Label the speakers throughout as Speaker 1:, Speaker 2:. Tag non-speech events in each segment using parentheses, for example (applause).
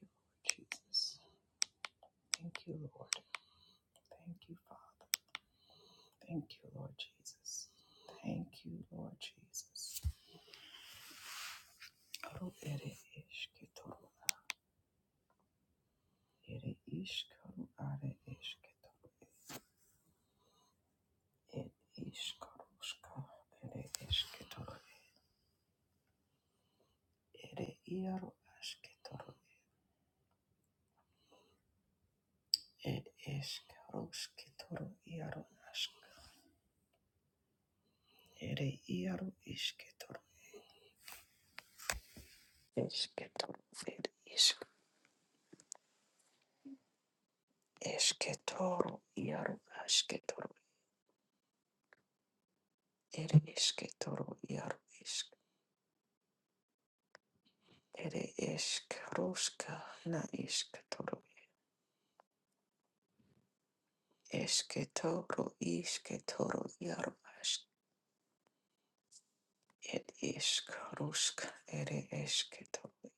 Speaker 1: you, Lord Jesus. Thank you, Lord. Thank you, Father. Thank you, Lord Jesus. Thank you, Lord Jesus. Aru ere ishketoru. Ere ishkaru are ishketoru. Ere ishkaru Ere ishketoru. Ere iaru ashketoru. Ere ishkaru iaru ashka. Ere iaru ishketoru. Ishketoru. Ere ishk. Ishketoru iaru ashketoru. Ere iske toro iaro isk. Ere isk roska na isk toro. Eske toro iske toro iaro ask. Ed isk roska ere eske toro.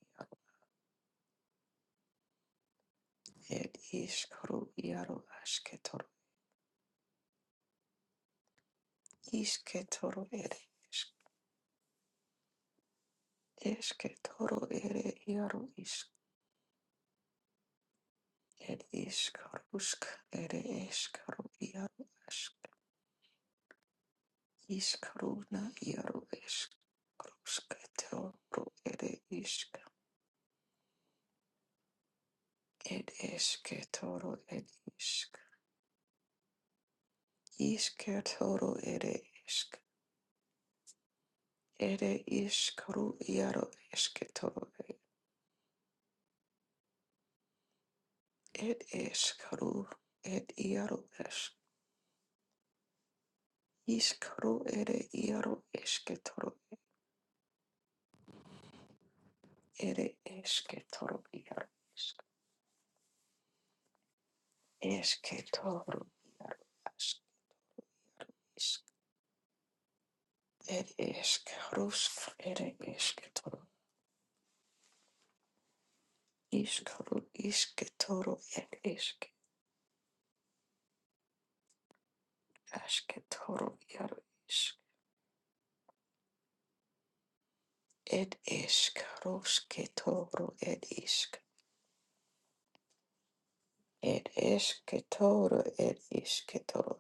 Speaker 1: Ed isk ro iaro aske toro. Iske toro ere isk. Eske toro ere iaro isk. Ed isk roska ere esk ro iaro ask. Iskaruna iaro eskrusketorro ere isk ed esketoro ed isk isketoro ere isk ere iskaru iaro esketoro ed eskaru ed iaro esk iskaru ere iaro esketoro ere esketoro iaro esk esketoro ask isk ed eskarusk ere esketoro Iskru isketoro ed isk asketoro iaro isk ed isk rosketoro ed isk ed esketoro ed isketoro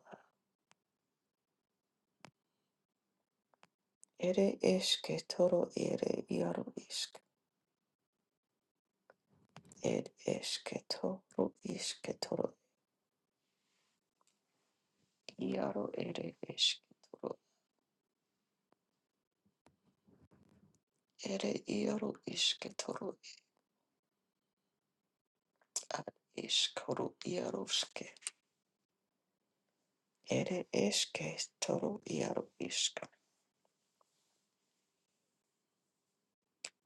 Speaker 1: ere esketoro ere iaro isk ed esketoro isketoro iaro ere esketoro ere iaro isketoro ad iskoro iaroske ere esketoro iaro isk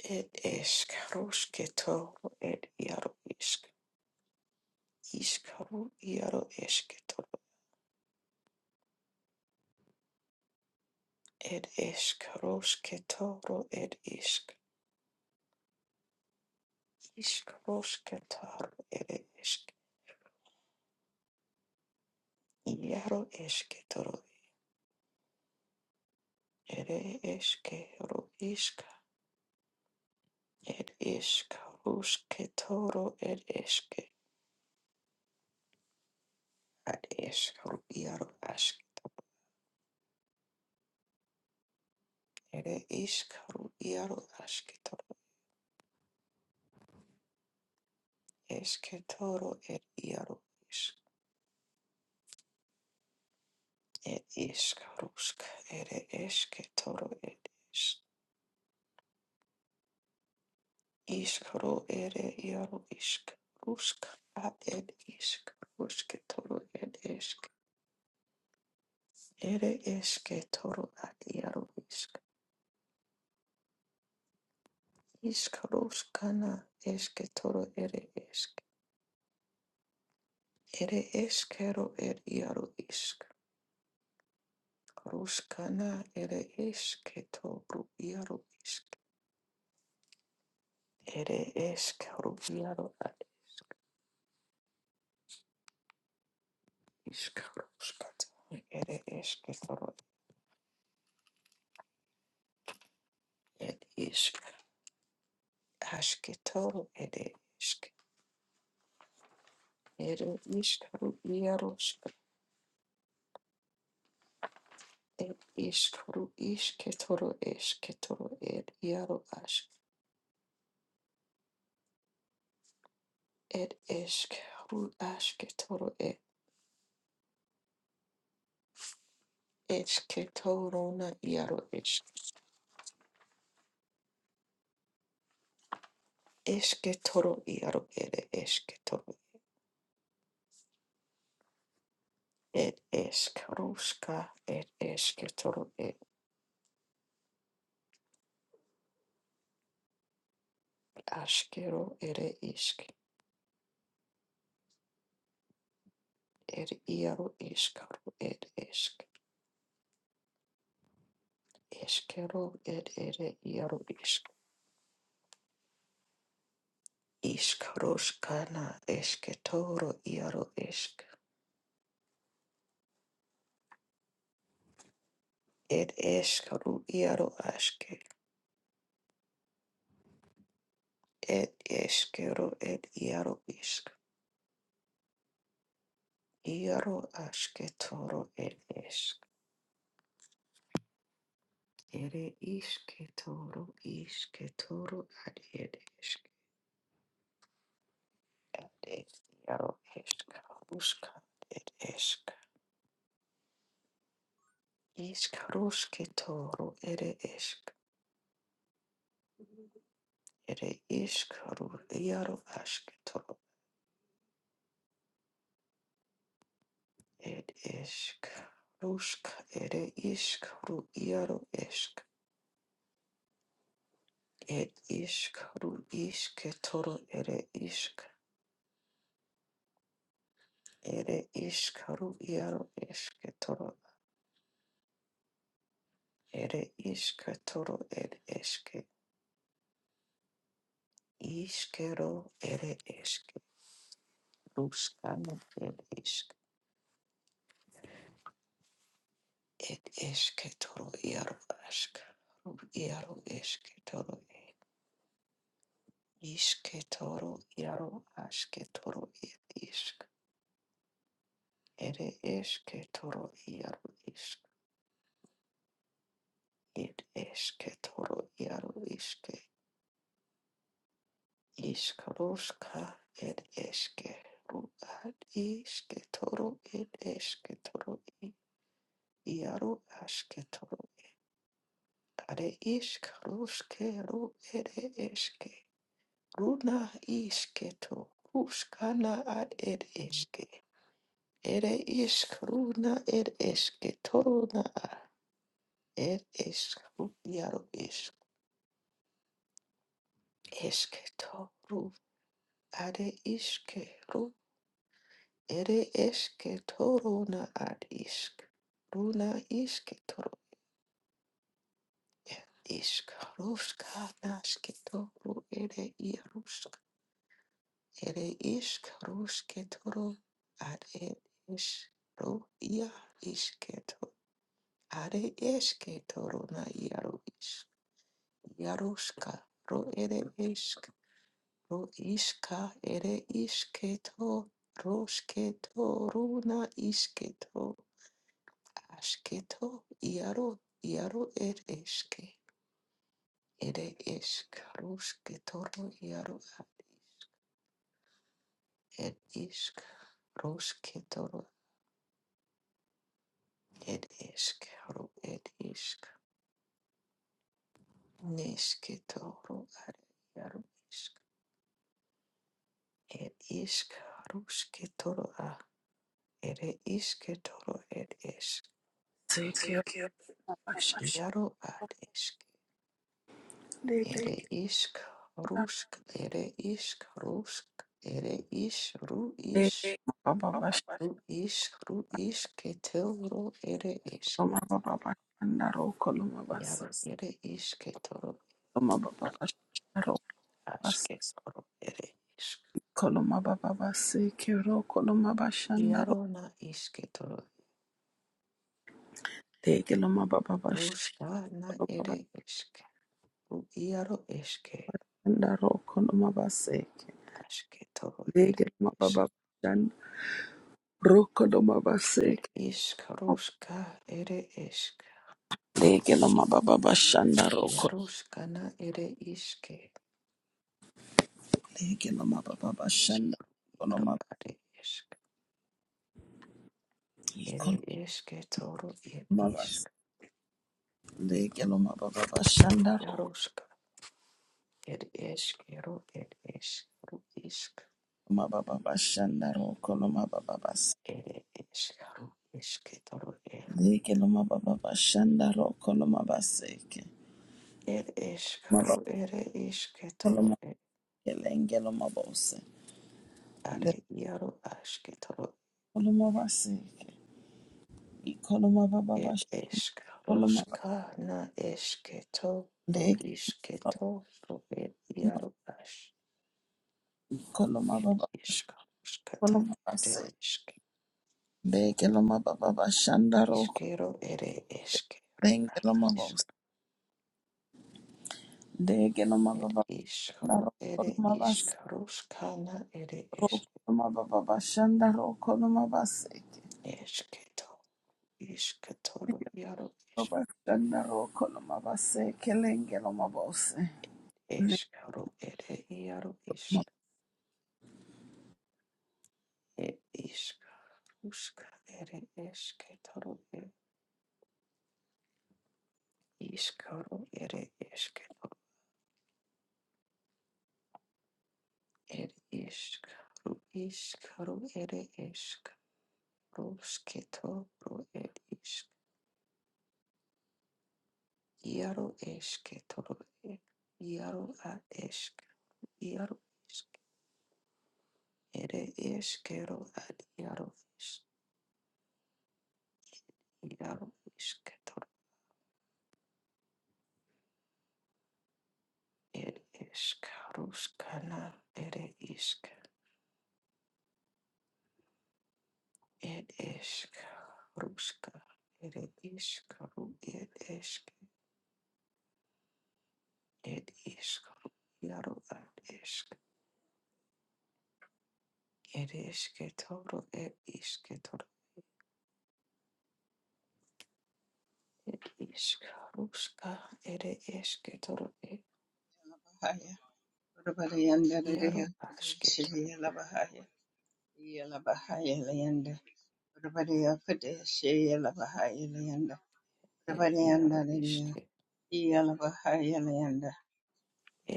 Speaker 1: Ed eskarosketo, ed iaro isk, iskaro iaro esketo, ed eskarosketoro, ed isk, iskarosketaro, ed esk, iaro esketoro, ed eskero isk, ed eskarosketoro, ed eske, ad eskaro iaro ask, ed iskaro iaro asketoro, esketoro, ed iaro isk. Ed iskarusk ere Karusk, it is Ketoro, it is Iskaro, it Yaro Isk, Rusk, a it is Karusketoro, it is Ere Esketoro at Yaro Isk, Iskaruskana, Esketoro, ere Isk, Ere Eskero, it Yaro Isk, Ruskana, Ere Esketoro, Yaro Isk, Ere Eskaro, Yaro at Iskaruskata. Ere eske toro Ed ishk ashketo ed ishk ero ishkaru iaroshk ed ishkaru ishketoro eshketoro ed iaro ashk ed eshk ru ashketoro ed eshketorona iaro ishk eshketoro iaro ed eshketoro ed eshkarushka ed eshketoro ed ashkero ere ishk ed iaro ishkaru ed eshk Eskero ed ere iaro isk. Iskaroskana esketoro iaro esk. Ed eskaru iaro aske. Ed eskero ed iaro isk. Iaro asketoro ed esk. Ere isketoro isketoro ad ed esk. Ad ed iaro eskaruska ed esk. Iskarusketoro ere esk. Ere ishk ru iaro ashk toro. Ed ishk rushk ere ishk ru iaro ishk. Ed ishk ru ishk toro ere ishk. Ere ishk ru iaro ishk toro. Ere ishk toro ed ishk. Ishkero ere ishk. Ruskana ed ishk. Ed ishk toro iaro ashk. Ru iaro ishk Ishke toro iaro ashke toro ed ishk. Ere eshke toro iaro ishk. Ed eshke toro iaro ishke. Ishkaroshka ed eshke. Ru ad ishke toro ed eshke toro i. Iaro ashke toro. Are ishkaroshke ru ere eshke. Runa ishke to. Rushkana ad ed eshke. Ere iskruna er esketoruna a er eskru jaro isk esketoru are iskeru ere esketoruna ad isk runa isketoru er isk ruska nasketoru ere irusk ere isk rusketoru ad er isk ru ia isketoru are esketoruna jaro isk Yarushka, ro ere ishk, ro ishka ere ishketo, roshketo, runa ishketo, ashketo, yaro, yaro er eshke, ere eshk, roshketo, ro yaro ad ishk, er ishk, roshketo, ro er eshk, ro er ishk, neshketo, ro ar yaro ishk, er ishk, roshketo, ro Ere iske toro ed esk.
Speaker 2: Zeke
Speaker 1: Thank you.
Speaker 2: rabashandeke
Speaker 1: Jaro ad esk. Ere Thank isk
Speaker 2: lomareke
Speaker 1: rusk. Ere isk rusk. Ere ish ru ish. you.
Speaker 2: mabababashoma
Speaker 1: Baba. Ru ish ru iske toro ere esk.
Speaker 2: bababashandaro kolomabase
Speaker 1: Jaro ere iske toro
Speaker 2: lomabababashandaro mabase
Speaker 1: aske toro ere isk.
Speaker 2: kolomabababaseke ro kolomabashandaro
Speaker 1: Jaro na iske toro.
Speaker 2: teke lomabababashandaro
Speaker 1: Ruska na ere esk. Ru jaro eske
Speaker 2: mabashandaro kolomabaseke
Speaker 1: aske toro
Speaker 2: leke
Speaker 1: ere isk.
Speaker 2: lomabababashan ro
Speaker 1: ir
Speaker 2: kolomabaseke
Speaker 1: išk ruška ere išk
Speaker 2: leke lomabababashandaro naro
Speaker 1: jaruškana ere iške
Speaker 2: leke
Speaker 1: išk
Speaker 2: lomabababashandaro
Speaker 1: jaru
Speaker 2: kolomabase
Speaker 1: are išk ere iške toro ir išk
Speaker 2: leke loma baba basha naro
Speaker 1: jaruška ir išk jaru ir išk ru išk
Speaker 2: Mababa bashanda roko no mababa
Speaker 1: ere išk jaru iške toro ir
Speaker 2: baseke no mababa bashanda roko no mabaseke
Speaker 1: ir išk ru
Speaker 2: mababa
Speaker 1: ere iške
Speaker 2: kolo
Speaker 1: toro ir
Speaker 2: makelenge no mabose le
Speaker 1: are jaru aške toro
Speaker 2: kolo mabaseke i kolo mababa
Speaker 1: ir
Speaker 2: bash
Speaker 1: išk
Speaker 2: kolo mababa
Speaker 1: ruška na iške toro
Speaker 2: leke
Speaker 1: iške toro ir
Speaker 2: mababa
Speaker 1: jaru aš
Speaker 2: kolo
Speaker 1: ir
Speaker 2: mababa bash
Speaker 1: iškamš kad
Speaker 2: kolo
Speaker 1: ir
Speaker 2: mabaseke
Speaker 1: išk
Speaker 2: leke no mababa bashanda roko
Speaker 1: iškėro ir iškėro
Speaker 2: lenge no
Speaker 1: išk
Speaker 2: mabose leke no
Speaker 1: ir
Speaker 2: mababa bashanda
Speaker 1: iškaru ir
Speaker 2: roko no mabase
Speaker 1: iškarus kana ir išk
Speaker 2: roko no mababa bashanda roko no mabaseke
Speaker 1: iškito iškitoru jaru iš
Speaker 2: Good
Speaker 1: iškaru ir jaru išk ir iškaruska ir iškitoru ir iškaru ir iškito ir iškaru iškaru ir iškaruskitoru ir Iaro eske toro e. Iaro a esk. Iaro isk. Ere eskero ad iaro isk. Iaro isk toro ed esk. Ruskana ere isk. Ed esk. Ruska. Ere isk. Ru ed esk. Ed isk. Ru iaro ad esk. Ed eske toro ed iske toro. Ed isk. Ruska. Ere eske toro ed.
Speaker 3: Labahaya, Urabadayanda Ladaya
Speaker 1: Iaro aske
Speaker 3: Padeshaya Labahaya, Yalabahaya Layanda, Urabadaya Padeshaya Labahaya Layanda,
Speaker 1: El
Speaker 3: Urabadayanda
Speaker 1: iaro
Speaker 3: Ladaya,
Speaker 1: iske,
Speaker 3: Yalabahaya Layanda,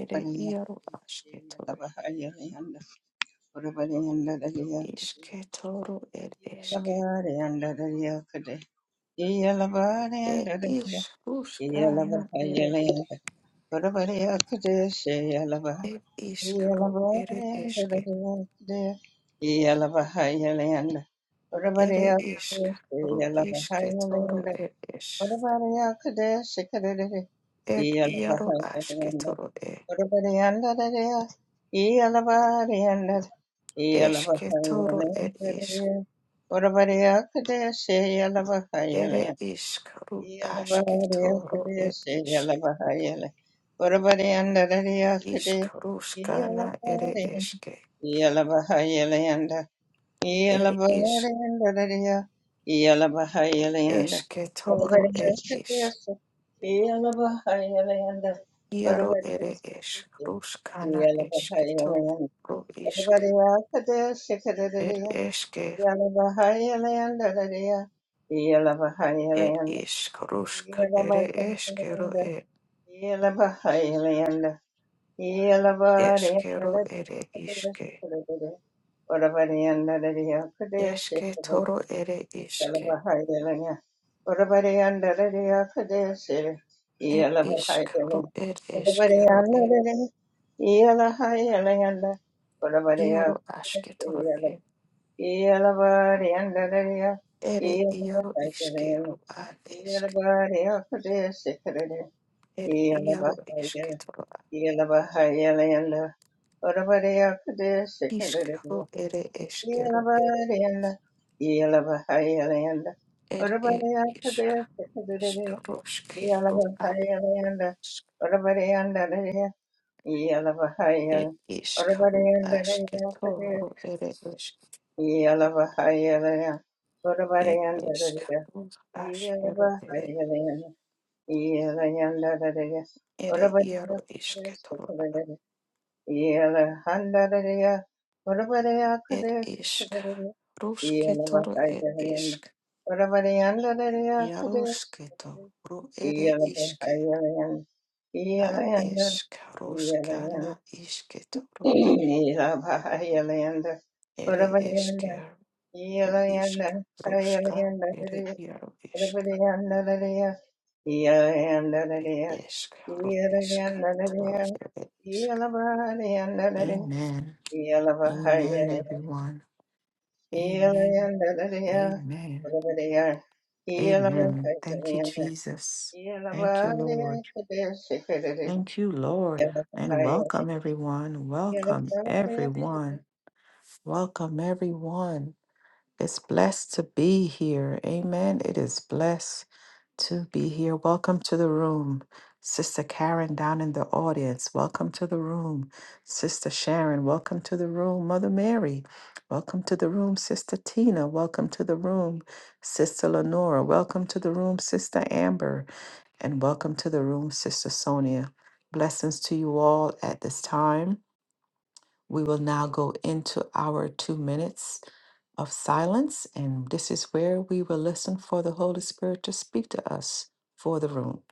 Speaker 1: ere
Speaker 3: Urabadaya
Speaker 1: iaro
Speaker 3: Padeshaya
Speaker 1: asketoro,
Speaker 3: Labahaya Layanda, Urabadayanda Ladaya Padeshaya
Speaker 1: isketoro el eske,
Speaker 3: Labahayanda Ladaya Padeshaya
Speaker 1: et
Speaker 3: Yalabahayanda Ladaya,
Speaker 1: iskuskana
Speaker 3: Yalabahaya
Speaker 1: ere,
Speaker 3: Layanda, Urabadaya Padeshaya
Speaker 1: et
Speaker 3: Yeah.
Speaker 1: iskro ere eske, ere isk, ru isketoro el es, et iaro asketoro e, esketoro el isk, ere isk, ru asketoro el isk, iskruskana ere eske,
Speaker 3: Yalabahayalayanda. Yalabahayalayandadadaya. Yalabahayalayanda. Whatever
Speaker 1: Eshketoro er isk?
Speaker 3: Yalabahayalayanda.
Speaker 1: Iaro
Speaker 3: Whatever
Speaker 1: ere ish. Ruskana
Speaker 3: Yalabahayalayanda.
Speaker 1: eshketoro isk?
Speaker 3: Everybody else,
Speaker 1: Er
Speaker 3: Shikadadadaya.
Speaker 1: eske?
Speaker 3: Yalabahayalayandadadaya.
Speaker 1: er
Speaker 3: Yalabahayalayanda.
Speaker 1: isk? Rusk ere eshkero
Speaker 3: Yalabahayalayanda.
Speaker 1: er
Speaker 3: Yalabahayalayanda. Yeah.
Speaker 1: eshkero ere ishke. Eshketoro ere ishke. Er isk? ru er eshkero er. Iaro ashketoro er. Ere iaro ishkero ad eshk. Er iaro eshketoro ad.
Speaker 3: Yelabahayalayanda, Orabareyakade, Sikadadadaya,
Speaker 1: Ishkero ere eshkero
Speaker 3: Yelabareyanda, Yelabahayalayanda,
Speaker 1: Er er
Speaker 3: Orabareyakade,
Speaker 1: iska iska
Speaker 3: Sikadadadaya,
Speaker 1: roske ro ar
Speaker 3: Yelabahayalayanda,
Speaker 1: isk
Speaker 3: Orabareyandadaya,
Speaker 1: er
Speaker 3: Yelabahayala,
Speaker 1: iska
Speaker 3: Orabareyandadayakade,
Speaker 1: toro ere isk
Speaker 3: Yelabahayalaya,
Speaker 1: er iska
Speaker 3: Orabareyandadaya,
Speaker 1: ro ere
Speaker 3: Yelabahayalayanda, Yelayandadadaya,
Speaker 1: ere iaro iske
Speaker 3: Orabareyakade,
Speaker 1: toro
Speaker 3: Sikadadadaya, yeah.
Speaker 1: er iska roske toro er isk iaroske toro ere iske a eska roska na iske toro ere ere eske ro iska roska ere iaro isk Ishq, ro- ishq, toro, ere, ishq. Amen.
Speaker 3: I've been
Speaker 1: Amen, everyone. Amen. Amen. Amen. Thank you, Jesus. Thank you, Lord. Thank you, Lord. And welcome, everyone. Welcome, everyone. Welcome, everyone. It's blessed to be here. Amen. It is blessed to be here. Welcome to the room. Sister Karen down in the audience, welcome to the room. Sister Sharon, welcome to the room. Mother Mary, welcome to the room. Sister Tina, welcome to the room. Sister Lenora, welcome to the room. Sister Amber, and welcome to the room, Sister Sonia. Blessings to you all at this time. We will now go into our two minutes of silence, and this is where we will listen for the Holy Spirit to speak to us for the room.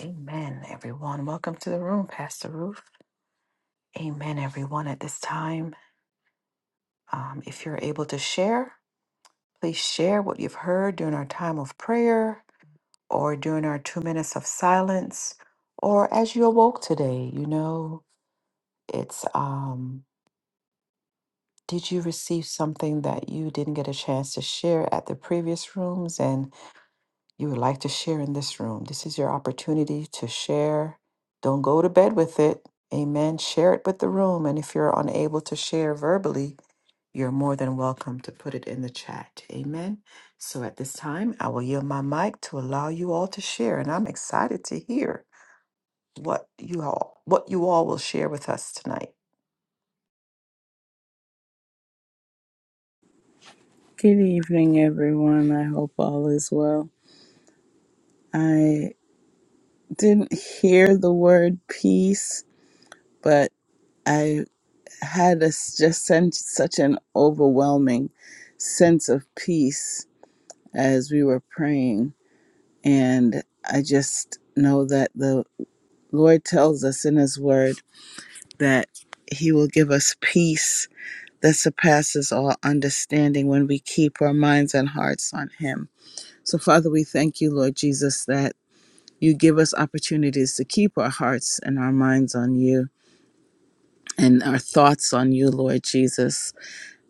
Speaker 1: Amen, everyone. Welcome to the room, Pastor Ruth. Amen, everyone. At this time, um, if you're able to share, please share what you've heard during our time of prayer. or during our two minutes of silence, or as you awoke today, you know, it's um, did you receive something that you didn't get a chance to share at the previous rooms and you would like to share in this room? This is your opportunity to share. Don't go to bed with it. Amen. Share it with the room. And if you're unable to share verbally, you're more than welcome to put it in the chat. Amen. So at this time, I will yield my mic to allow you all to share. And I'm excited to hear. what you all what you all will share with us tonight.
Speaker 2: evening, everyone. I hope all is well. I didn't hear the word peace, but I had a s just sen- such an overwhelming sense of peace as we were praying. And I just know that the Lord tells us in His Word that He will give us peace that surpasses all understanding when we keep our minds and hearts on Him. So, Father, we thank you, Lord Jesus, that you give us opportunities to keep our hearts and our minds on you and our thoughts on you, Lord Jesus,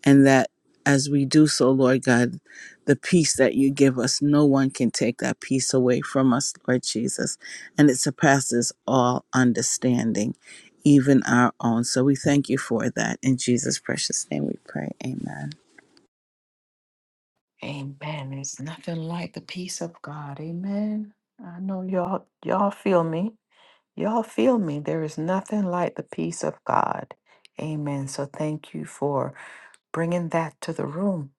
Speaker 2: and that as we do so, Lord God, the peace that you give us, no one can take that peace away from us, Lord Jesus, and it surpasses all understanding, even our own. So we thank you for that. In Jesus' precious name we pray. Amen.
Speaker 1: Amen. There's nothing like the peace of God. Amen. I know y'all y'all feel me. Y'all feel me. There is nothing like the peace of God. Amen. So thank you for bringing that to the room.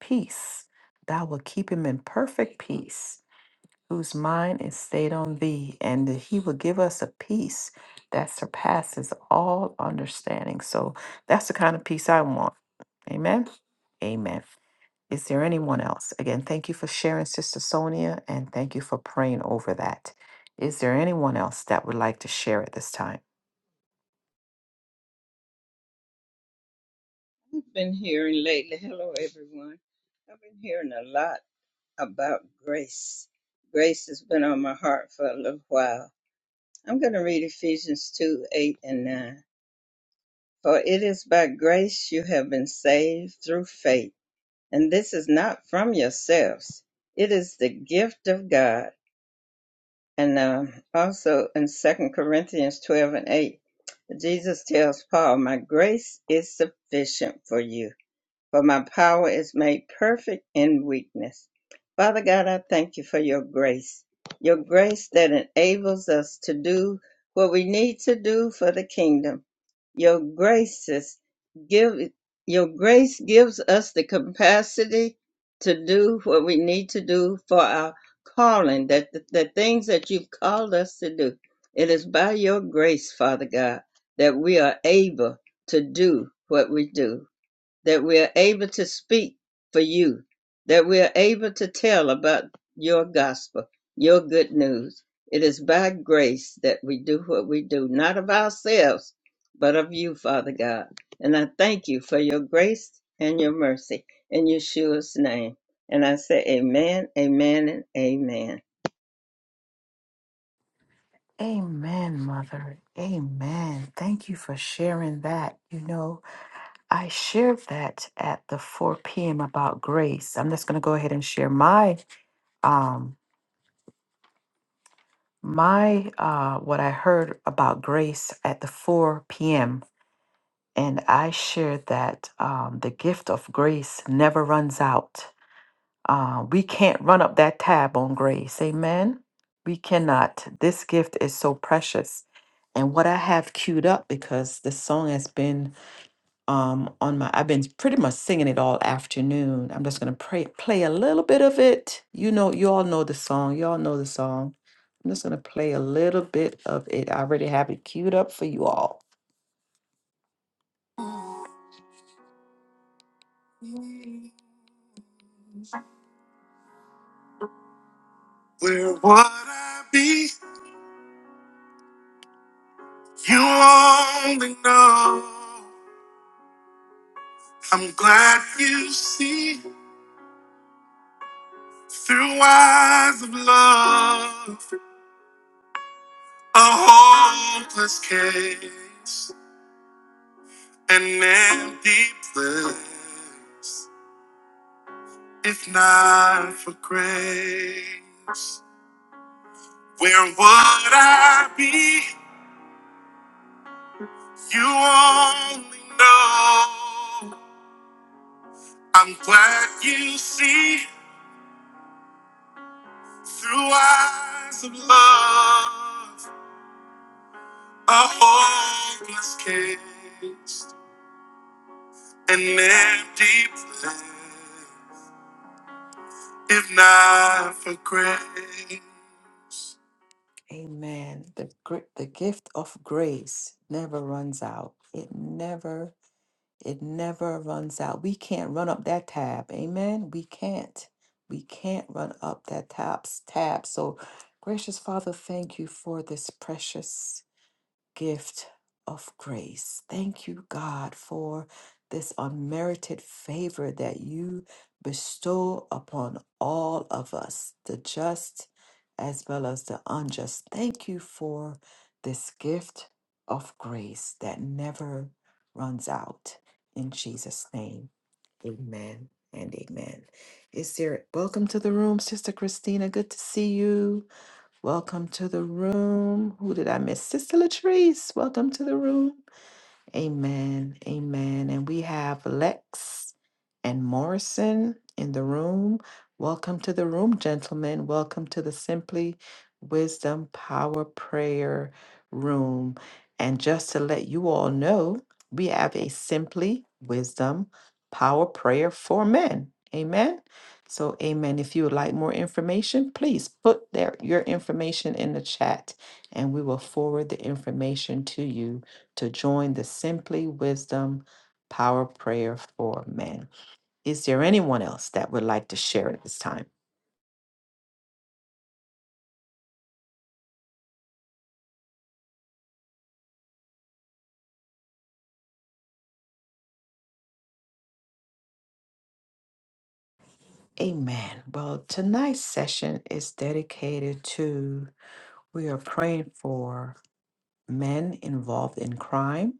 Speaker 1: Peace. Thou will keep him in perfect peace whose mind is stayed on thee, and that he will give us a peace that surpasses all understanding. So that's the kind of peace I want. Amen. Amen. Is there anyone else? Again, thank you for sharing, Sister Sonia, and thank you for praying over that. Is there anyone else that would like to share at this time?
Speaker 3: hearing lately, hello everyone. I've been hearing a lot about grace. Grace has been on my heart for a little while. I'm going to read Ephesians 2 8 and 9. For it is by grace you have been saved through faith and this is not from yourselves. It is the gift of God. And um, also in Second Corinthians 12 and 8, Jesus tells Paul, My grace is sufficient for you for my power is made perfect in weakness. Father God, I thank you for your grace, your grace that enables us to do what we need to do for the kingdom. Your graces give your grace gives us the capacity to do what we need to do for our calling, that the, the things that you've called us to do. It is by your grace, Father God, that we are able to do what we do that we're able to speak for you, that we're able to tell about your gospel, your good news. It is by grace that we do what we do, not of ourselves, but of you, Father God. And I thank you for your grace and your mercy in Yeshua's name. And I say, Amen, Amen, and Amen.
Speaker 1: Amen, Mother. Amen. Thank you for sharing that. You know, I shared that at the 4 p.m. about grace. I'm just going to go ahead and share my um my uh what I heard about grace at the 4 p.m. and I shared that um the gift of grace never runs out. Uh, we can't run up that tab on grace. Amen. We cannot. This gift is so precious. And what I have queued up because this song has been um, on my I've been pretty much singing it all afternoon. I'm just gonna pray, play a little bit of it. You know, you all know the song. You all know the song. I'm just gonna play a little bit of it. I already have it queued up for you all. Where would I be? You only know. I'm glad you see through eyes of love a hopeless case, an empty place. If not for grace, where would I be? You only know. I'm glad you see through eyes of love a hopeless case, an empty place. If not for grace. Amen. The, gr- the gift of grace never runs out. It never It never runs out. We can't run up that tab. Amen. We can't. We can't run up that tabs tab. So gracious Father, thank you for this precious gift of grace. Thank you, God, for this unmerited favor that you bestow upon all of us, the just as well as the unjust. Thank you for this gift of grace that never runs out. In Jesus' name, amen and amen. Is there welcome to the room, Sister Christina? Good to see you. Welcome to the room. Who did I miss? Sister Latrice, welcome to the room. Amen. Amen. And we have Lex and Morrison in the room. Welcome to the room, gentlemen. Welcome to the Simply Wisdom Power Prayer Room. And just to let you all know, we have a Simply Wisdom Power Prayer for Men. Amen. So, amen. If you would like more information, please put their, your information in the chat and we will forward the information to you to join the Simply Wisdom Power Prayer for Men. Is there anyone else that would like to share at this time? Amen. Well, tonight's session is dedicated to we are praying for men involved in crime,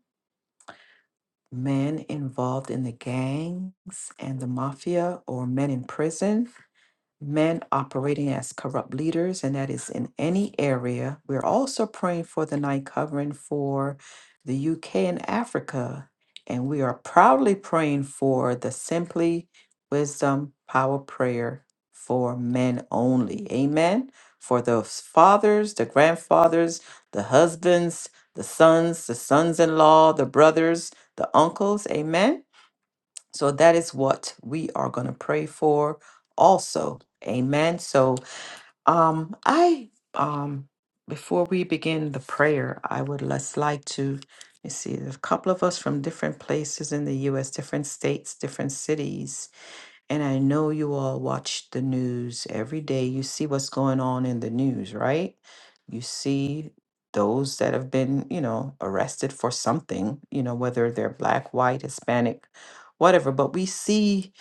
Speaker 1: men involved in the gangs and the mafia, or men in prison, men operating as corrupt leaders, and that is in any area. We're also praying for the night covering for the UK and Africa. And we are proudly praying for the Simply Wisdom Power Prayer for men only. Amen. For the fathers, the grandfathers, the husbands, the sons, the sons in law, the brothers, the uncles. Amen so that is what we are going to pray for also. Amen. So um I um before we begin the prayer, I would just like to let me see there's a couple of us from different places in the US, different states, different cities and I know you all watch the news every day. You see what's going on in the news, right? You see those that have been, you know, arrested for something, you know, whether they're black, white, Hispanic, whatever. But we see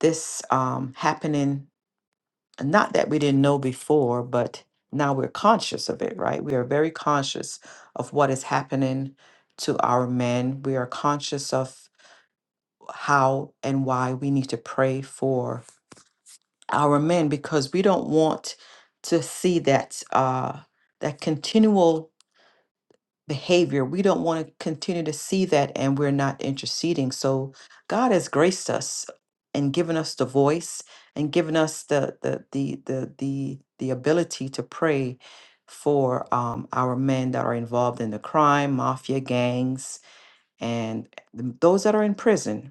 Speaker 1: this um, happening, not that we didn't know before, but now we're conscious of it, right? We are very conscious of what is happening to our men. We are conscious of how and why we need to pray for our men because we don't want to see that uh, that continual behavior. We don't want to continue to see that, and we're not interceding. So God has graced us and given us the voice and given us the the the the the, the ability to pray for um, our men that are involved in the crime, mafia gangs, and th- those that are in prison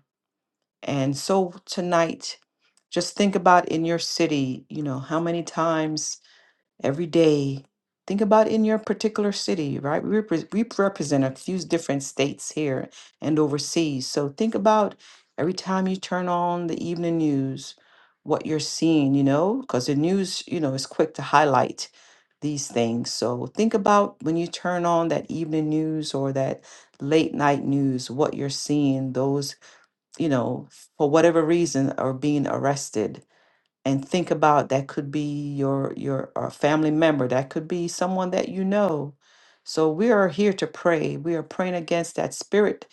Speaker 1: and so tonight, just think about in your city, you know, how many times every day. Think about in your particular city, right? We, repre- we represent a few different states here and overseas. So think about every time you turn on the evening news, what you're seeing, you know, because the news, you know, is quick to highlight these things. So think about when you turn on that evening news or that late night news, what you're seeing, those you know, for whatever reason are being arrested and think about that could be your your uh, family member, that could be someone that you know. So we are here to pray. We are praying against that spirit.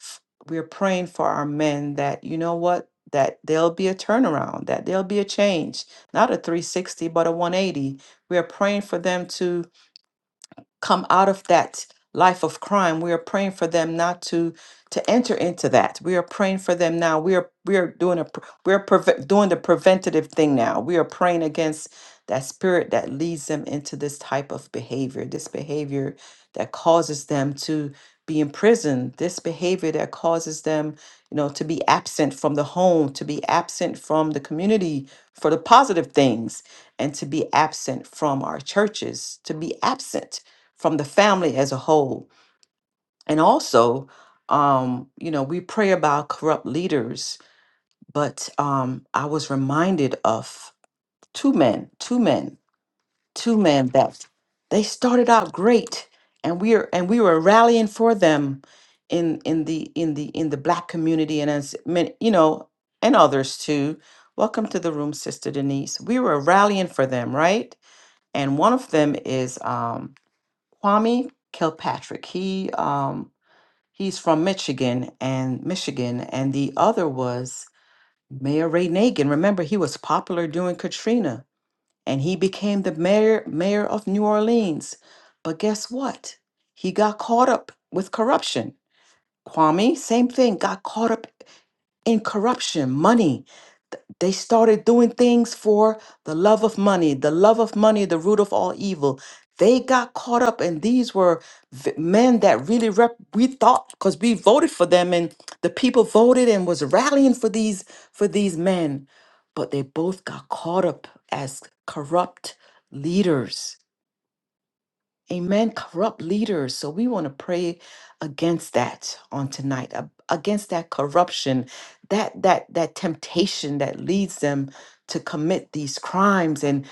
Speaker 1: F- We are praying for our men that you know what that there'll be a turnaround, that there'll be a change, not a 360 but a 180. We are praying for them to come out of that life of crime we are praying for them not to to enter into that we are praying for them now we are we are doing a pr- we're preve- doing the preventative thing now we are praying against that spirit that leads them into this type of behavior this behavior that causes them to be in prison this behavior that causes them you know to be absent from the home to be absent from the community for the positive things and to be absent from our churches to be absent from the family as a whole. And also, um, you know, we pray about corrupt leaders, but um, I was reminded of two men, two men, two men that they started out great, and we are and we were rallying for them in in the in the in the black community and as many, you know, and others too. Welcome to the room, Sister Denise. We were rallying for them, right? And one of them is um, Kwame Kilpatrick. He um he's from Michigan and Michigan, and the other was Mayor Ray Nagin. Remember, he was popular during Katrina, and he became the mayor mayor of New Orleans. But guess what? He got caught up with corruption. Kwame, same thing, got caught up in corruption, money. Th- They started doing things for the love of money, the love of money, the root of all evil. They got caught up, and these were v- men that really rep- we thought because we voted for them, and the people voted and was rallying for these for these men, but they both got caught up as corrupt leaders Amen. Corrupt leaders. So we want to pray against that on tonight, ab- against that corruption, that that that temptation that leads them to commit these crimes and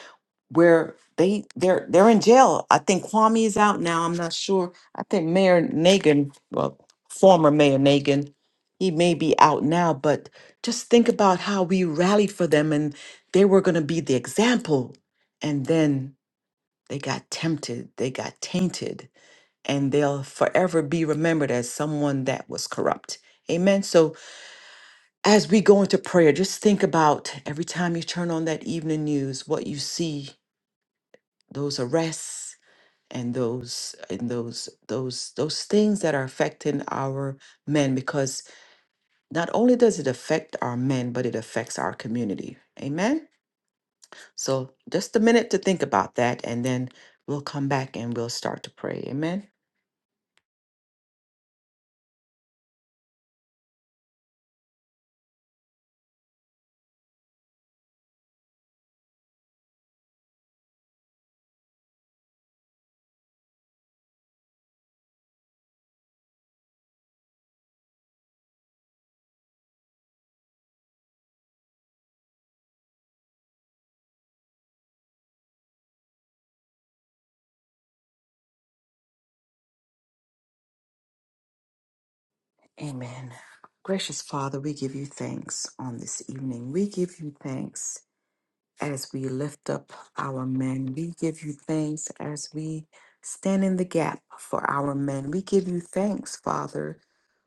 Speaker 1: where they they're they're in jail. I think Kwame is out now. I'm not sure. I think Mayor Nagin, well, former Mayor Nagin, he may be out now, but just think about how we rallied for them and they were going to be the example. And then they got tempted, they got tainted, and they'll forever be remembered as someone that was corrupt. Amen. So as we go into prayer, just think about every time you turn on that evening news, what you see, those arrests and those and those those those things that are affecting our men because not only does it affect our men but it affects our community amen so just a minute to think about that and then we'll come back and we'll start to pray amen Amen. Gracious Father, we give you thanks on this evening. We give you thanks as we lift up our men. We give you thanks as we stand in the gap for our men. We give you thanks, Father,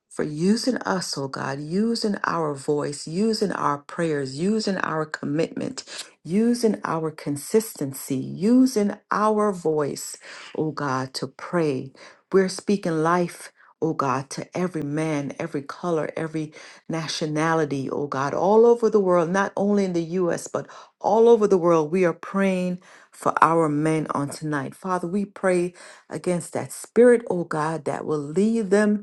Speaker 1: for using us, oh God, using our voice, using our prayers, using our commitment, using our consistency, using our voice, oh God, to pray. We're speaking life. Oh God, to every man, every color, every nationality, oh God, all over the world, not only in the US, but all over the world, we are praying for our men on tonight. Father, we pray against that spirit, oh God, that will lead them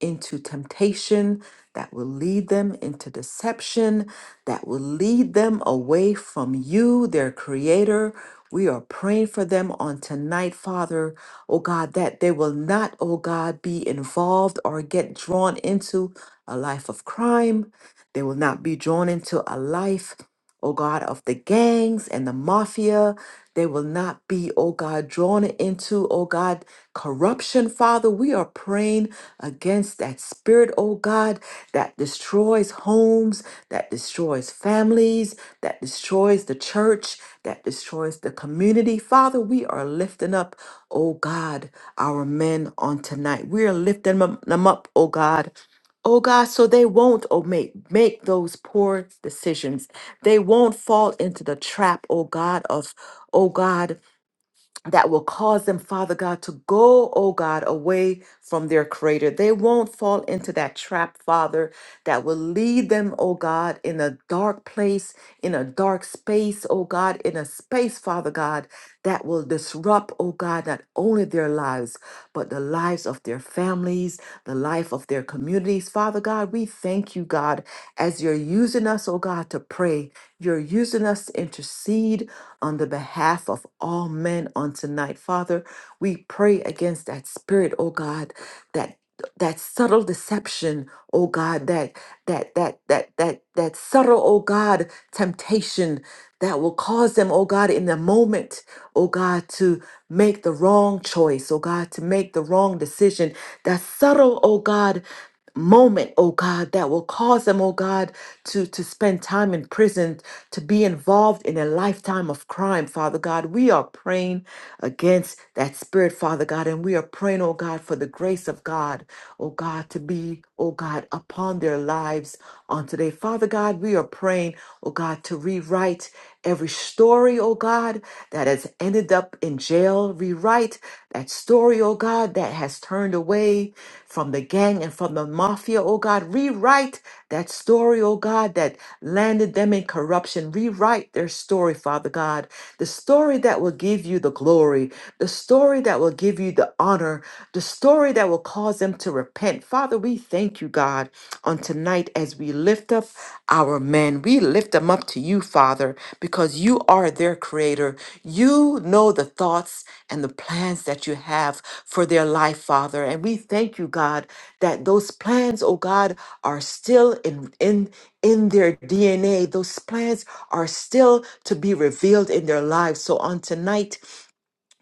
Speaker 1: into temptation, that will lead them into deception, that will lead them away from you, their creator. We are praying for them on tonight, Father, oh God, that they will not, oh God, be involved or get drawn into a life of crime. They will not be drawn into a life, oh God, of the gangs and the mafia. They will not be, oh God, drawn into, oh God, corruption, Father. We are praying against that spirit, oh God, that destroys homes, that destroys families, that destroys the church, that destroys the community. Father, we are lifting up, oh God, our men on tonight. We are lifting them them up, oh God. Oh God, so they won't oh, make, make those poor decisions. They won't fall into the trap, oh God, of, oh God, that will cause them, Father God, to go, oh God, away from their Creator. They won't fall into that trap, Father, that will lead them, oh God, in a dark place, in a dark space, oh God, in a space, Father God, that will disrupt, oh God, not only their lives, but the lives of their families, the life of their communities. Father God, we thank you, God, as you're using us, oh God, to pray. You're using us to intercede on the behalf of all men on tonight. Father, we pray against that spirit, oh God, that that subtle deception, oh God, that that that that that that subtle, oh God, temptation that will cause them, oh God, in the moment, oh God, to make the wrong choice, oh God, to make the wrong decision. That subtle, oh God, moment, oh God, that will cause them, oh God, to to spend time in prison to be involved in a lifetime of crime, Father God. We are praying against that spirit, Father God, and we are praying, oh God, for the grace of God, oh God, to be, oh God, upon their lives on today. Father God, we are praying, oh God, to rewrite every story, oh God, that has ended up in jail. Rewrite that story, oh God, that has turned away from the gang and from the mafia, oh God. Rewrite that story, oh God, that landed them in corruption. Rewrite their story, Father God. The story that will give you the glory, the story that will give you the honor, the story that will cause them to repent. Father, we thank you, God, on tonight as we lift up our men. We lift them up to you, Father, because you are their creator. You know the thoughts and the plans that you have for their life, Father. And we thank you, God, that those plans, oh God, are still in, in in their DNA. Those plans are still to be revealed in their lives. So on tonight,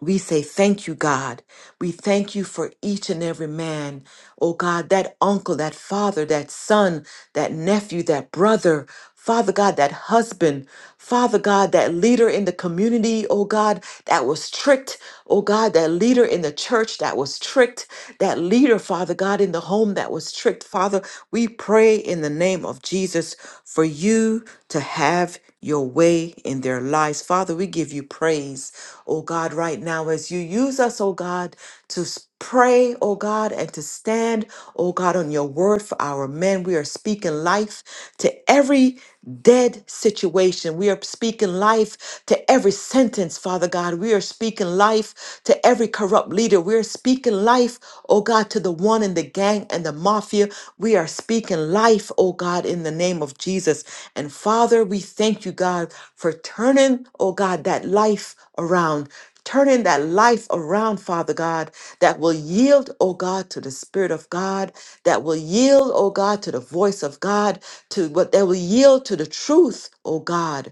Speaker 1: we say thank you, God. We thank you for each and every man. Oh God, that uncle, that father, that son, that nephew, that brother. Father God, that husband, Father God, that leader in the community, oh God, that was tricked, oh God, that leader in the church that was tricked, that leader, Father God, in the home that was tricked. Father, we pray in the name of Jesus for you to have your way in their lives. Father, we give you praise oh God, right now as you use us, oh God, to s- pray, oh God, and to stand, oh God, on your word for our men. We are speaking life to every dead situation. We are speaking life to every sentence, Father God. We are speaking life to every corrupt leader. We are speaking life, oh God, to the one in the gang and the mafia. We are speaking life, oh God, in the name of Jesus. And Father, we thank you, God for turning, oh God, that life around. Turning that life around, Father God, that will yield, oh God, to the Spirit of God, that will yield, oh God, to the voice of God, to what that will yield to the truth, oh God.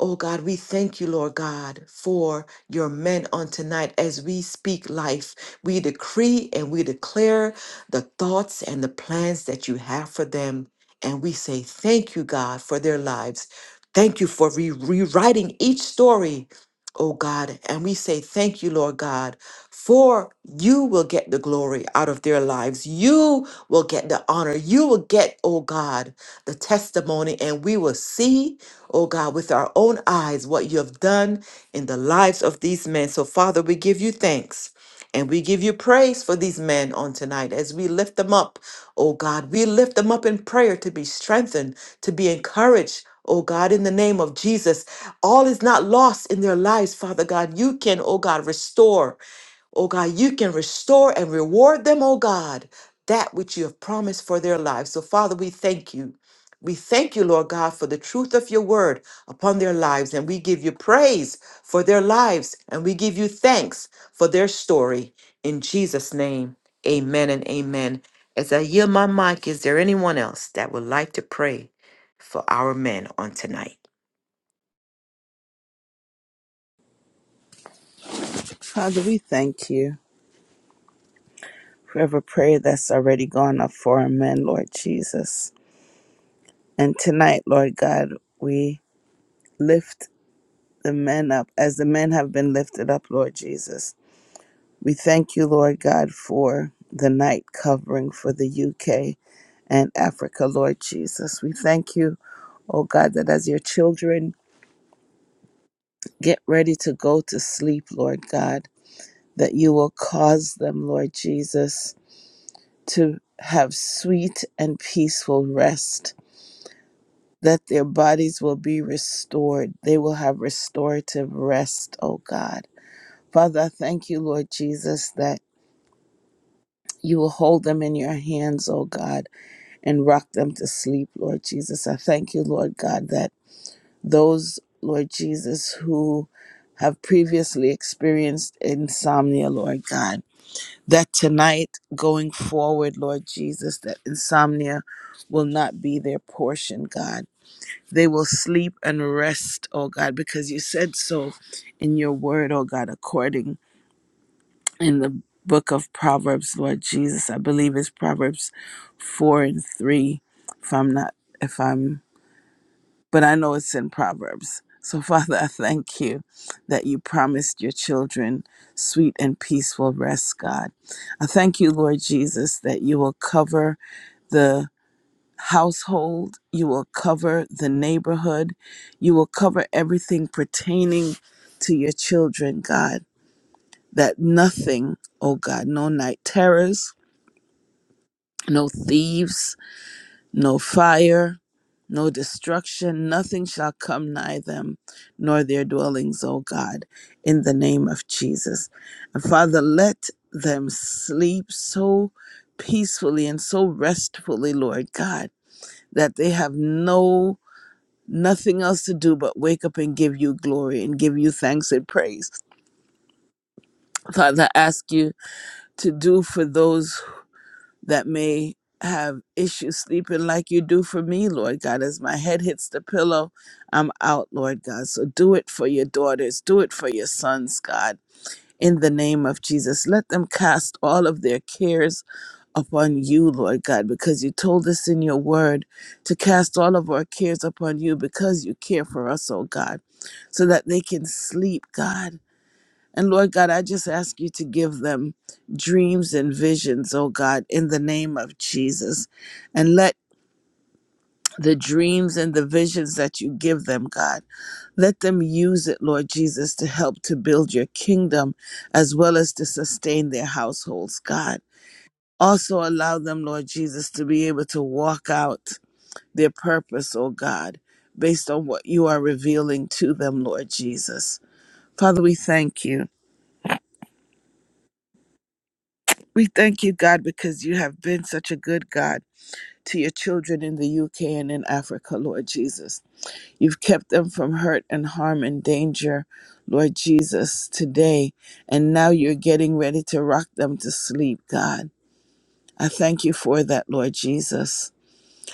Speaker 1: Oh God, we thank you, Lord God, for your men on tonight as we speak life. We decree and we declare the thoughts and the plans that you have for them. And we say, Thank you, God, for their lives. Thank you for re- rewriting each story, oh God. And we say, Thank you, Lord God, for you will get the glory out of their lives. You will get the honor. You will get, oh God, the testimony, and we will see oh God, with our own eyes what you have done in the lives of these men. So, Father, we give you thanks. And we give you praise for these men on tonight as we lift them up, oh God. We lift them up in prayer to be strengthened, to be encouraged, oh God, in the name of Jesus. All is not lost in their lives, Father God. You can, oh God, restore. Oh God, you can restore and reward them, oh God, that which you have promised for their lives. So, Father, we thank you. We thank you, Lord God, for the truth of your word upon their lives. And we give you praise for their lives. And we give you thanks for their story. In Jesus' name, amen and amen. As I yield my mic, is there anyone else that would like to pray for our men on tonight?
Speaker 2: Father, we thank you for every prayer that's already gone up for our men, Lord Jesus. And tonight, Lord God, we lift the men up as the men have been lifted up, Lord Jesus. We thank you, Lord God, for the night covering for the UK and Africa, Lord Jesus. We thank you, oh God, that as your children get ready to go to sleep, Lord God, that you will cause them, Lord Jesus to have sweet and peaceful rest, that their bodies will be restored. They will have restorative rest, oh God. Father, I thank you, Lord Jesus, that you will hold them in your hands, oh God, and rock them to sleep, Lord Jesus. I thank you, Lord God, that those, Lord Jesus, who have previously experienced insomnia, Lord God, that tonight going forward, Lord Jesus, that insomnia will not be their portion, God. They will sleep and rest, oh God, because you said so in your word, oh God, according in the book of Proverbs, Lord Jesus. I believe it's Proverbs 4 and 3, if I'm not, if I'm but I know it's in Proverbs. So, (laughs) Father, I thank you that you promised your children sweet and peaceful rest, God. I thank you, Lord Jesus, that you will cover the household, you will cover the neighborhood, you will cover everything pertaining to your children, God. That nothing, oh God, no night terrors, no thieves, No fire, no destruction, nothing shall come nigh them, nor their dwellings, O God, in the name of Jesus. And Father, let them sleep so peacefully and so restfully, Lord God, that they have no nothing else to do but wake up and give you glory and give you thanks and praise. Father, I ask you to do for those that may have issues sleeping like you do for me, Lord God. As my head hits the pillow, I'm out, Lord God. So do it for your daughters, do it for your sons, God. In the name of Jesus, let them cast all of their cares upon you, Lord God, because you told us in your word to cast all of our cares upon you because you care for us, oh God, so that they can sleep, God and Lord God, I just ask you to give them dreams and visions, oh God, in the name of Jesus. And let the dreams and the visions that you give them, God, let them use it, Lord Jesus, to help to build your kingdom as well as to sustain their households, God. Also allow them, Lord Jesus, to be able to walk out their purpose, oh God, based on what you are revealing to them, Lord Jesus. Father, we thank you. We thank you, God, because you have been such a good God to your children in the UK and in Africa, Lord Jesus. You've kept them from hurt and harm and danger, Lord Jesus, today. And now you're getting ready to rock them to sleep, God. I thank you for that, Lord Jesus.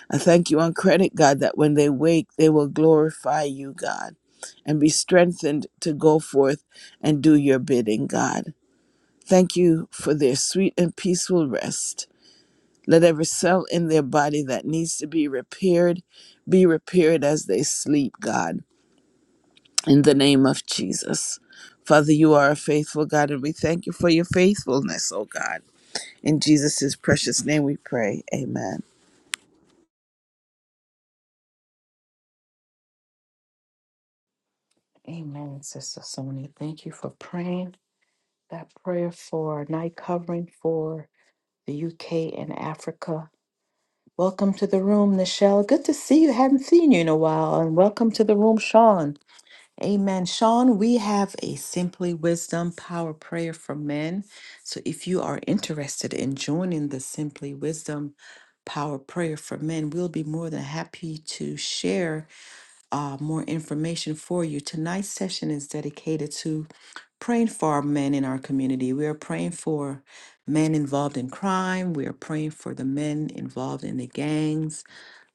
Speaker 2: I thank you on credit, God, that when they wake, they will glorify you, God, and be strengthened to go forth and do your bidding, God. Thank you for their sweet and peaceful rest. Let every cell in their body that needs to be repaired be repaired as they sleep, God, in the name of Jesus. Father, you are a faithful God, and we thank you for your faithfulness, oh God. In Jesus' precious name we pray. Amen.
Speaker 1: Amen, Sister Sony. Thank you for praying that prayer for night covering for the UK and Africa. Welcome to the room, Nichelle. Good to see you. Haven't seen you in a while. And welcome to the room, Sean. Amen. Sean, we have a Simply Wisdom Power Prayer for Men. So if you are interested in joining the Simply Wisdom Power Prayer for Men, we'll be more than happy to share uh, more information for you. Tonight's session is dedicated to praying for our men in our community. We are praying for men involved in crime. We are praying for the men involved in the gangs,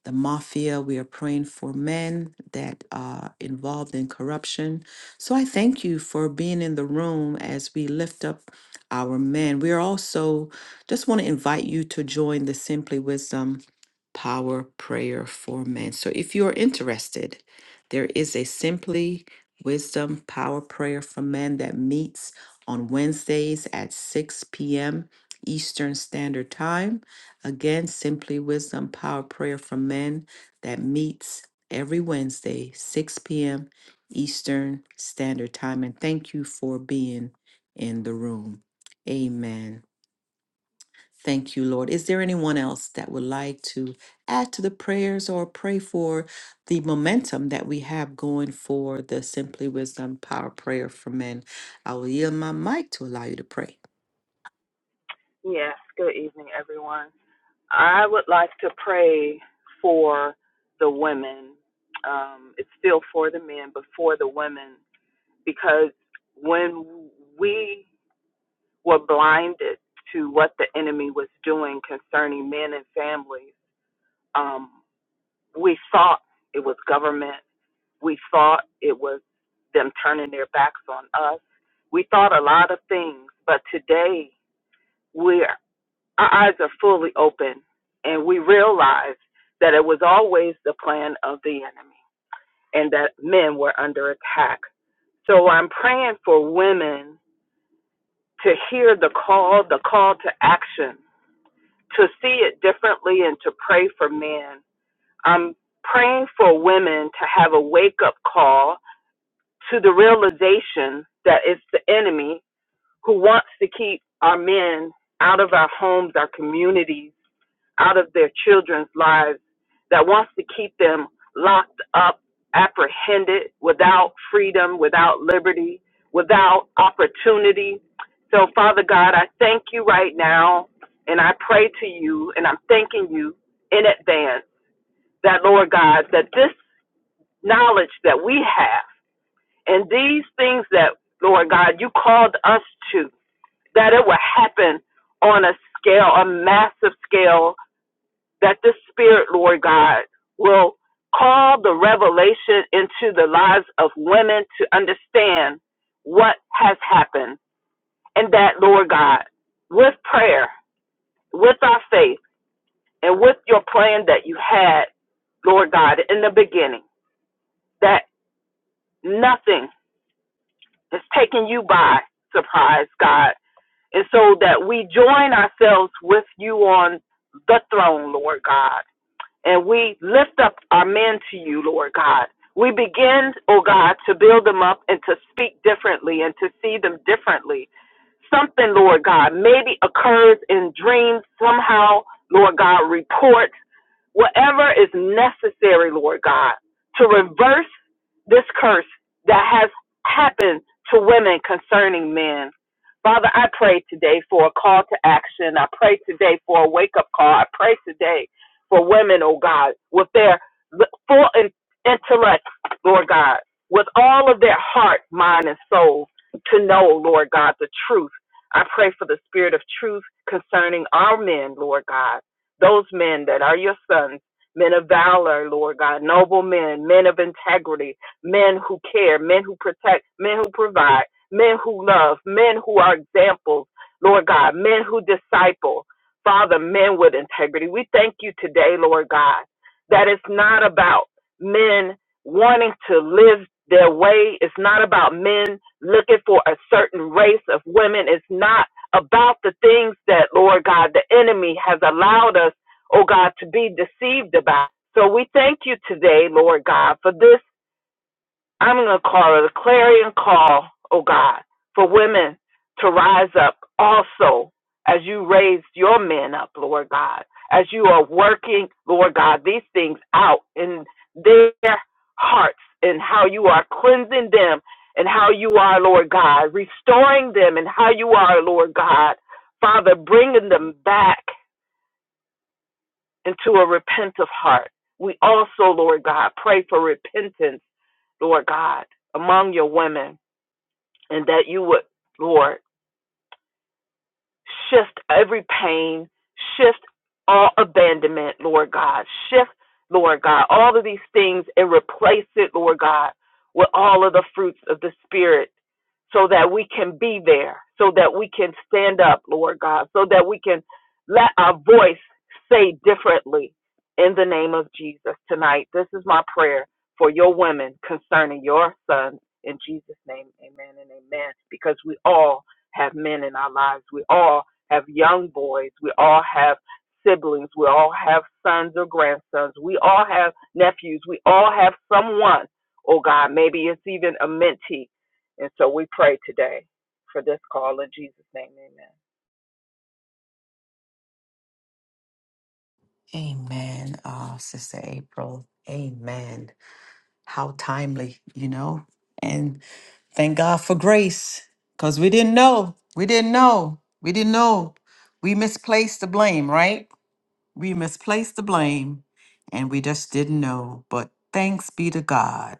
Speaker 1: the mafia. We are praying for men that are involved in corruption. So I thank you for being in the room as we lift up our men. We are also just want to invite you to join the Simply Wisdom Power Prayer for Men. So if you are interested, there is a Simply Wisdom Power Prayer for Men that meets on Wednesdays at 6 p.m. Eastern Standard Time. Again, Simply Wisdom Power Prayer for Men that meets every Wednesday, 6 p.m. Eastern Standard Time. And thank you for being in the room. Amen. Thank you, Lord. Is there anyone else that would like to add to the prayers or pray for the momentum that we have going for the Simply Wisdom Power Prayer for Men? I will yield my mic to allow you to pray.
Speaker 4: Yes, good evening, everyone. I would like to pray for the women. Um, it's still for the men, but for the women, because when we were blinded to what the enemy was doing concerning men and families, um, we thought it was government. We thought it was them turning their backs on us. We thought a lot of things, but today, we're. our eyes are fully open and we realize that it was always the plan of the enemy and that men were under attack. So I'm praying for women to hear the call, the call to action, to see it differently and to pray for men. I'm praying for women to have a wake up call to the realization that it's the enemy who wants to keep our men out of our homes, our communities out of their children's lives that wants to keep them locked up, apprehended, without freedom, without liberty, without opportunity. So, Father God, I thank you right now, and I pray to you, and I'm thanking you in advance that, Lord God, that this knowledge that we have and these things that, Lord God, you called us to, that it will happen on a scale, a massive scale that this spirit, Lord God, will call the revelation into the lives of women to understand what has happened. And that, Lord God, with prayer, with our faith, and with your plan that you had, Lord God, in the beginning, that nothing is taking you by surprise, God. And so that we join ourselves with you on the throne, Lord God and we lift up our men to you, Lord God. We begin, oh God, to build them up and to speak differently and to see them differently. Something, Lord God, maybe occurs in dreams somehow, Lord God, reports whatever is necessary, Lord God, to reverse this curse that has happened to women concerning men. Father, I pray today for a call to action. I pray today for a wake up call. I pray today for women, oh God, with their full intellect, Lord God, with all of their heart, mind, and soul to know, Lord God, the truth. I pray for the spirit of truth concerning our men, Lord God those men that are your sons, men of valor, Lord God, noble men, men of integrity, men who care, men who protect, men who provide, men who love, men who are examples, Lord God, men who disciple. Father, men with integrity. We thank you today, Lord God, that it's not about men wanting to live their way. It's not about men looking for a certain race of women. It's not about the things that, Lord God, the enemy has allowed us, oh God, to be deceived about. So we thank you today, Lord God, for this I'm going to call it a clarion call, oh God, for women to rise up also as you raise your men up, Lord God, as you are working, Lord God, these things out in their hearts and how you are cleansing them and how you are, Lord God, restoring them and how you are, Lord God, Father, bringing them back into a repentant heart. We also, Lord God, pray for repentance, Lord God, among your women and that you would, Lord, shift every pain, shift all abandonment, Lord God, shift, Lord God, all of these things and replace it, Lord God, with all of the fruits of the Spirit so that we can be there, so that we can stand up, Lord God, so that we can let our voice say differently in the name of Jesus tonight. This is my prayer for your women concerning your sons. In Jesus' name, amen and amen. Because we all have men in our lives. We all have young boys. We all have siblings. We all have sons or grandsons. We all have nephews. We all have someone. Oh God, maybe it's even a mentee. And so we pray today for this call in Jesus' name. Amen.
Speaker 1: Amen, uh, Sister April. Amen. How timely, you know? And thank God for grace because we didn't know. We didn't know. We didn't know. We misplaced the blame, right? We misplaced the blame and we just didn't know. But thanks be to God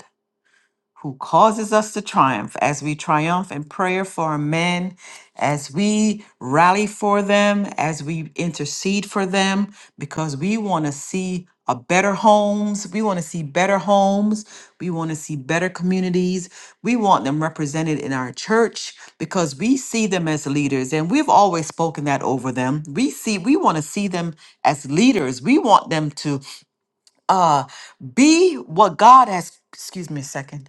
Speaker 1: who causes us to triumph as we triumph in prayer for our men, as we rally for them, as we intercede for them, because we want to see a better homes. We want to see better homes. We want to see better communities. We want them represented in our church because we see them as leaders and we've always spoken that over them. We see we want to see them as leaders. We want them to uh be what God has excuse me a second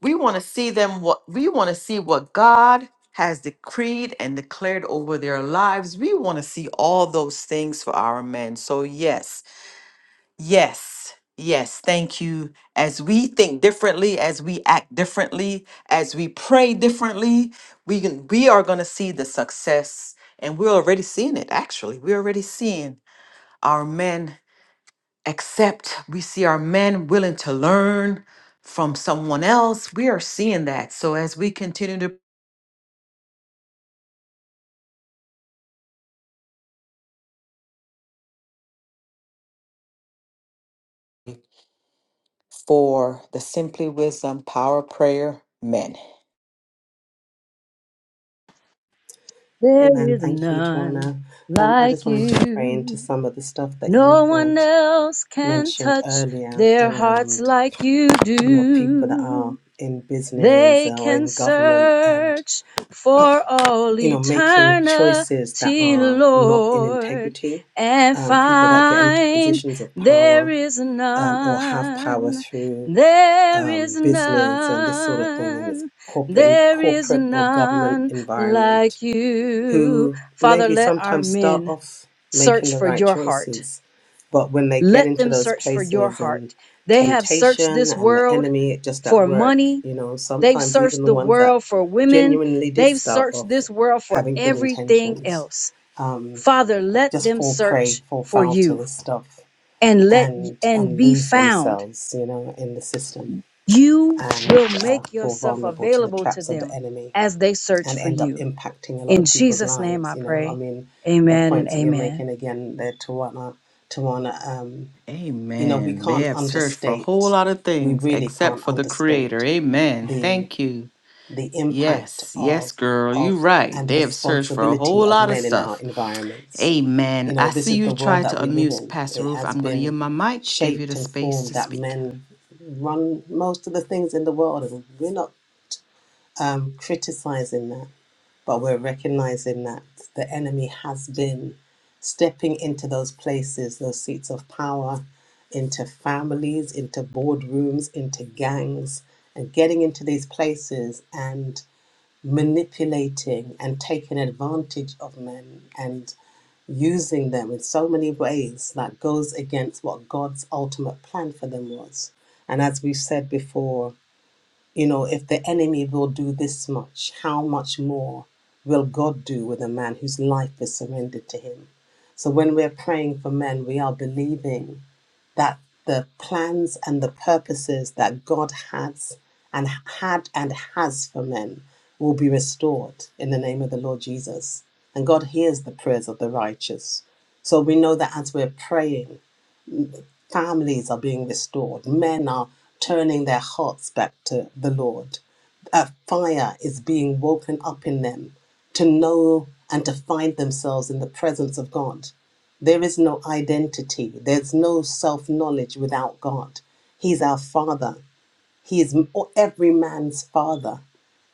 Speaker 1: We want to see them what we want to see what God has decreed and declared over their lives. We want to see all those things for our men. So yes, yes, yes, thank you. As we think differently, as we act differently, as we pray differently, we can, we are going to see the success and we're already seeing it actually. We're already seeing our men except we see our men willing to learn from someone else, we are seeing that. So as we continue to for the Simply Wisdom Power Prayer Men.
Speaker 5: There
Speaker 6: Amen.
Speaker 5: is
Speaker 6: Thank you,
Speaker 5: none
Speaker 6: Tawana. Um, I
Speaker 5: like
Speaker 6: just wanted to pray into
Speaker 5: you.
Speaker 6: some of the stuff that you
Speaker 5: No one
Speaker 6: had
Speaker 5: else can
Speaker 6: mentioned
Speaker 5: touch
Speaker 6: earlier
Speaker 5: their hearts
Speaker 6: around,
Speaker 5: like you
Speaker 6: you know, people that
Speaker 5: do.
Speaker 6: are in business
Speaker 5: They
Speaker 6: or
Speaker 5: can
Speaker 6: in government and,
Speaker 5: search for all
Speaker 6: you know, making choices that
Speaker 5: eternity,
Speaker 6: are not in
Speaker 5: Lord,
Speaker 6: integrity,
Speaker 5: and
Speaker 6: um, people that get into
Speaker 5: find
Speaker 6: positions of
Speaker 5: there
Speaker 6: power
Speaker 5: is
Speaker 6: um, or have power
Speaker 5: none.
Speaker 6: through
Speaker 5: There is
Speaker 6: um, business and this sort of thing in this
Speaker 5: none.
Speaker 6: corporate,
Speaker 5: There is
Speaker 6: corporate or government
Speaker 5: none
Speaker 6: environment
Speaker 5: like you.
Speaker 6: who
Speaker 5: Father,
Speaker 6: maybe
Speaker 5: let our
Speaker 6: sometimes start
Speaker 5: men
Speaker 6: off making
Speaker 5: search
Speaker 6: the
Speaker 5: for
Speaker 6: right
Speaker 5: your heart.
Speaker 6: choices, but when they get
Speaker 5: Let
Speaker 6: into
Speaker 5: them
Speaker 6: those
Speaker 5: search for your
Speaker 6: places
Speaker 5: heart.
Speaker 6: and
Speaker 5: They have searched
Speaker 6: temptation
Speaker 5: this
Speaker 6: and the
Speaker 5: world
Speaker 6: enemy just at
Speaker 5: for
Speaker 6: work,
Speaker 5: money.
Speaker 6: you know,
Speaker 5: They've
Speaker 6: sometimes even
Speaker 5: searched
Speaker 6: the
Speaker 5: the
Speaker 6: ones that
Speaker 5: world for women.
Speaker 6: genuinely did
Speaker 5: They've
Speaker 6: start
Speaker 5: searched
Speaker 6: off
Speaker 5: this world for
Speaker 6: having good
Speaker 5: everything
Speaker 6: intentions,
Speaker 5: else.
Speaker 6: um,
Speaker 5: Father, let
Speaker 6: just
Speaker 5: them
Speaker 6: fall prey,
Speaker 5: search
Speaker 6: fall
Speaker 5: for
Speaker 6: foul to
Speaker 5: you
Speaker 6: this stuff.
Speaker 5: and let
Speaker 6: And,
Speaker 5: and
Speaker 6: and
Speaker 5: be
Speaker 6: lose
Speaker 5: found.
Speaker 6: themselves, you know, in the system
Speaker 5: You
Speaker 6: and
Speaker 5: will
Speaker 6: uh,
Speaker 5: make
Speaker 6: fall
Speaker 5: yourself
Speaker 6: vulnerable to the
Speaker 5: available to
Speaker 6: traps of the
Speaker 5: them
Speaker 6: enemy
Speaker 5: as they search
Speaker 6: and
Speaker 5: for
Speaker 6: end up
Speaker 5: you.
Speaker 6: impacting a lot
Speaker 5: In
Speaker 6: of people's
Speaker 5: Jesus' name
Speaker 6: lives.
Speaker 5: I
Speaker 6: You know, I
Speaker 5: pray.
Speaker 6: mean, the
Speaker 5: Amen and
Speaker 6: points that you're
Speaker 5: amen.
Speaker 6: making again there, Tawana, Tawana, um, you know, we
Speaker 1: Amen. They
Speaker 6: can't
Speaker 1: have searched for a whole
Speaker 6: understate,
Speaker 1: lot of
Speaker 6: we
Speaker 1: things
Speaker 6: really
Speaker 1: except
Speaker 6: can't
Speaker 1: for the Creator.
Speaker 6: understate
Speaker 1: Amen.
Speaker 6: the
Speaker 1: Thank you.
Speaker 6: the impact
Speaker 1: Yes, yes,
Speaker 6: of
Speaker 1: girl, you
Speaker 6: of
Speaker 1: right.
Speaker 6: and
Speaker 1: They have searched for a
Speaker 6: responsibility
Speaker 1: whole
Speaker 6: of
Speaker 1: lot of
Speaker 6: men in our
Speaker 1: stuff.
Speaker 6: environments.
Speaker 1: Amen.
Speaker 6: You
Speaker 1: I
Speaker 6: know, this
Speaker 1: see
Speaker 6: is
Speaker 1: you
Speaker 6: the world
Speaker 1: try to
Speaker 6: that we live
Speaker 1: unmute
Speaker 6: in.
Speaker 1: Pastor
Speaker 6: It
Speaker 1: Roof.
Speaker 6: has
Speaker 1: I'm going to yield
Speaker 6: been
Speaker 1: my mic to give you the
Speaker 6: shaped and
Speaker 1: space
Speaker 6: formed
Speaker 1: to
Speaker 6: that
Speaker 1: speak.
Speaker 6: men run most of the things in the world, and we're not um, criticizing that but we're recognizing that the enemy has been stepping into those places, those seats of power, into families, into boardrooms, into gangs, and getting into these places and manipulating and taking advantage of men and using them in so many ways that goes against what God's ultimate plan for them was. And as we've said before, you know, if the enemy will do this much, how much more will God do with a man whose life is surrendered to him? So when we're praying for men, we are believing that the plans and the purposes that God has and had and has for men will be restored in the name of the Lord Jesus. And God hears the prayers of the righteous. So we know that as we're praying, Families are being restored. Men are turning their hearts back to the Lord. A fire is being woken up in them to know and to find themselves in the presence of God. There is no identity, there's no self knowledge without God. He's our Father. He is every man's father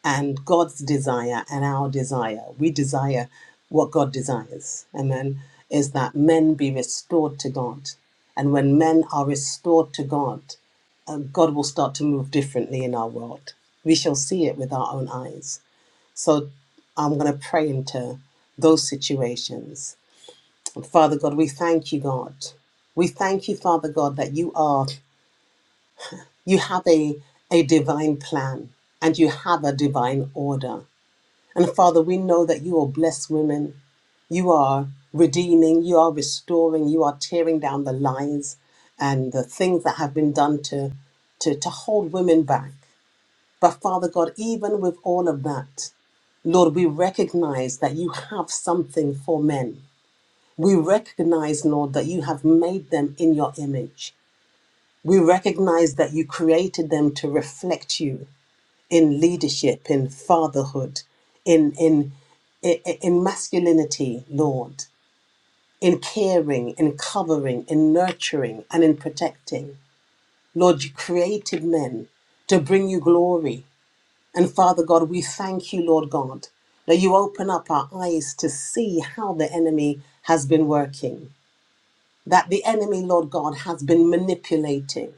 Speaker 6: and God's desire and our desire. We desire what God desires. Amen. Is that men be restored to God. And when men are restored to God, uh, God will start to move differently in our world. We shall see it with our own eyes. So I'm going to pray into those situations. And Father God, we thank you, God. We thank you, Father God, that you are you have a, a divine plan and you have a divine order. And Father, we know that you are blessed women. You are redeeming, you are restoring, you are tearing down the lies and the things that have been done to, to, to hold women back. But Father God, even with all of that, Lord, we recognize that you have something for men. We recognize, Lord, that you have made them in your image. We recognize that you created them to reflect you in leadership, in fatherhood, in in i- i- in masculinity, Lord, in caring, in covering, in nurturing, and in protecting. Lord, you created men to bring you glory. And Father God, we thank you, Lord God, that you open up our eyes to see how the enemy has been working that the enemy, Lord God, has been manipulating,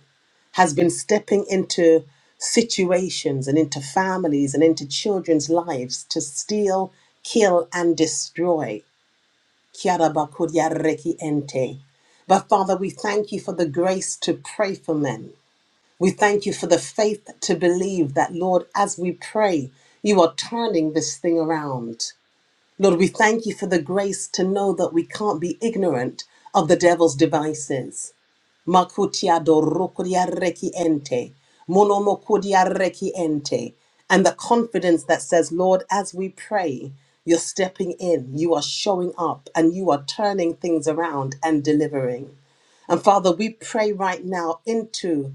Speaker 6: has been stepping into situations and into families and into children's lives to steal, kill, and destroy. Kiara bakuria reki ente. But Father, we thank you for the grace to pray for men. We thank you for the faith to believe that, Lord, as we pray, you are turning this thing around. Lord, we thank you for the grace to know that we can't be ignorant of the devil's devices. Makutia dorukuria reki ente. Monomokuria reki ente. And the confidence that says, Lord, as we pray, you're stepping in, you are showing up, and you are turning things around and delivering. And Father, we pray right now into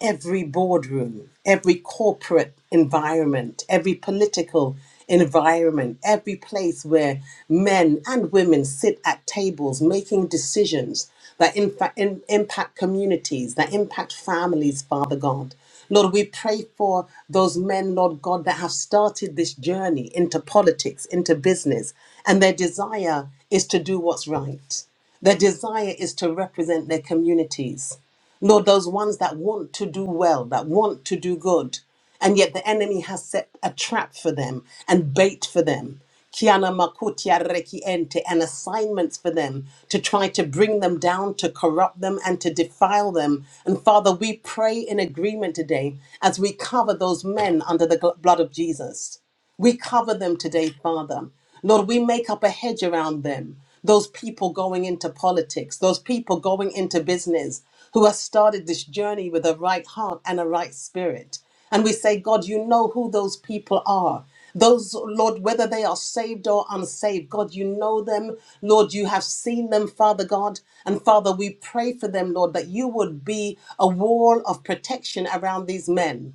Speaker 6: every boardroom, every corporate environment, every political environment, every place where men and women sit at tables making decisions that in fact in, impact communities, that impact families, Father God. Lord, we pray for those men, Lord God, that have started this journey into politics, into business, and their desire is to do what's right. Their desire is to represent their communities. Lord, those ones that want to do well, that want to do good, and yet the enemy has set a trap for them and bait for them. Kiana makutia reki ente and assignments for them to try to bring them down, to corrupt them, and to defile them. And Father, we pray in agreement today as we cover those men under the gl- blood of Jesus. We cover them today, Father. Lord, we make up a hedge around them. Those people going into politics, those people going into business who have started this journey with a right heart and a right spirit. And we say, God, you know who those people are. Those, Lord, whether they are saved or unsaved, God, you know them. Lord, you have seen them, Father God. And Father, we pray for them, Lord, that you would be a wall of protection around these men.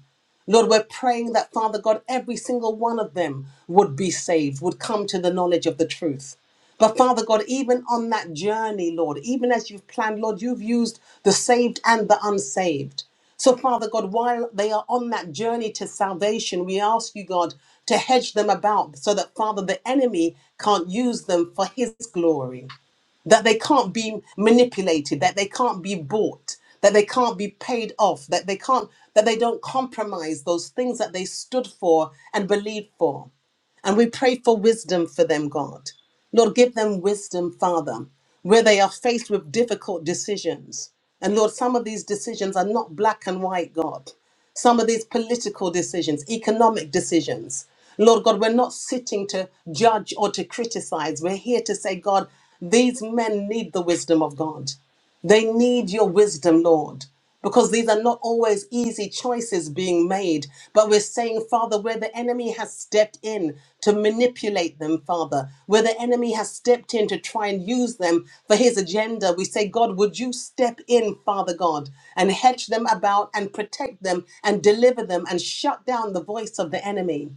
Speaker 6: Lord, we're praying that, Father God, every single one of them would be saved, would come to the knowledge of the truth. But Father God, even on that journey, Lord, even as you've planned, Lord, you've used the saved and the unsaved. So, Father God, while they are on that journey to salvation, we ask you, God, to hedge them about so that, Father, the enemy can't use them for his glory that they can't be manipulated, that they can't be bought, that they can't be paid off, that they can't that they don't compromise those things that they stood for and believed for. And we pray for wisdom for them, God. Lord, give them wisdom, Father, where they are faced with difficult decisions. And Lord, some of these decisions are not black and white, God some of these political decisions, economic decisions. Lord God, we're not sitting to judge or to criticize. We're here to say, God, these men need the wisdom of God. They need your wisdom, Lord, because these are not always easy choices being made. But we're saying, Father, where the enemy has stepped in to manipulate them, Father, where the enemy has stepped in to try and use them for his agenda, we say, God, would you step in, Father God, and hedge them about and protect them and deliver them and shut down the voice of the enemy?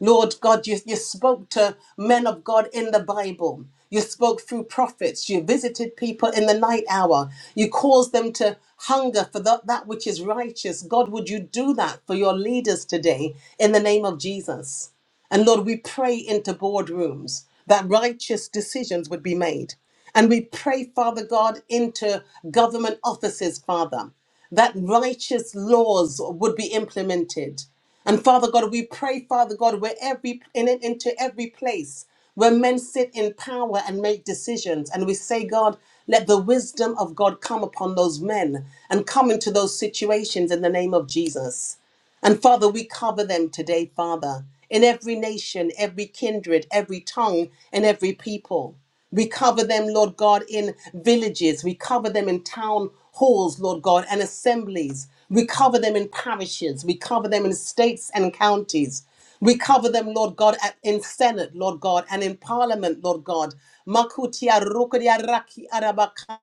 Speaker 6: Lord God, you, you spoke to men of God in the Bible. You spoke through prophets. You visited people in the night hour. You caused them to hunger for that, that which is righteous. God, would you do that for your leaders today in the name of Jesus? And Lord, we pray into boardrooms that righteous decisions would be made. And we pray, Father God, into government offices, Father, that righteous laws would be implemented. And Father God, we pray, Father God, where every in into every place where men sit in power and make decisions. And we say, God, let the wisdom of God come upon those men and come into those situations in the name of Jesus. And Father, we cover them today, Father, in every nation, every kindred, every tongue, and every people. We cover them, Lord God, in villages. We cover them in town halls, Lord God, and assemblies. We cover them in parishes. We cover them in states and counties. We cover them, Lord God, at, in Senate, Lord God, and in Parliament, Lord God. Makutia rukuria raki arabaka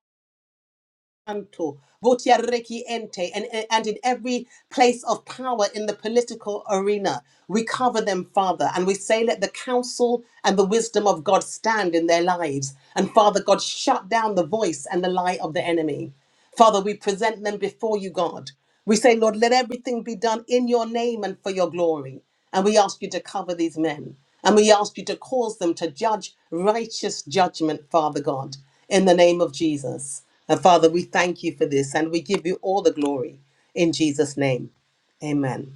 Speaker 6: Santo, Votia Reki Ente, and, and in every place of power in the political arena. We cover them, Father, and we say, let the counsel and the wisdom of God stand in their lives. And Father God, shut down the voice and the lie of the enemy. Father, we present them before you, God. We say, Lord, let everything be done in your name and for your glory. And we ask you to cover these men. And we ask you to cause them to judge righteous judgment, Father God, in the name of Jesus. And Father, we thank you for this and we give you all the glory in Jesus' name. Amen.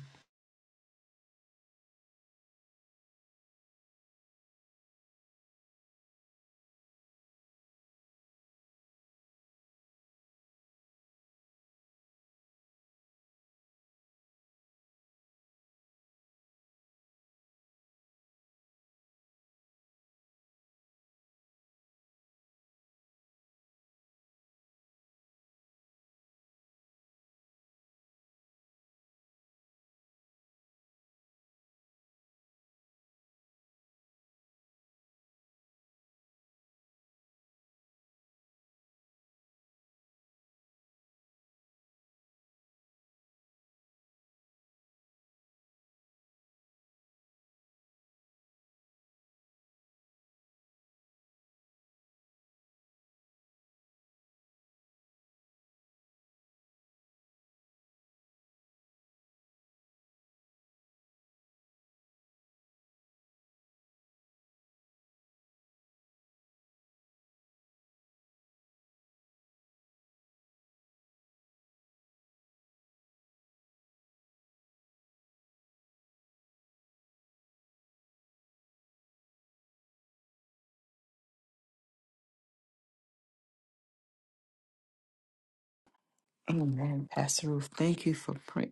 Speaker 1: Amen. Pastor Roof, thank you for praying.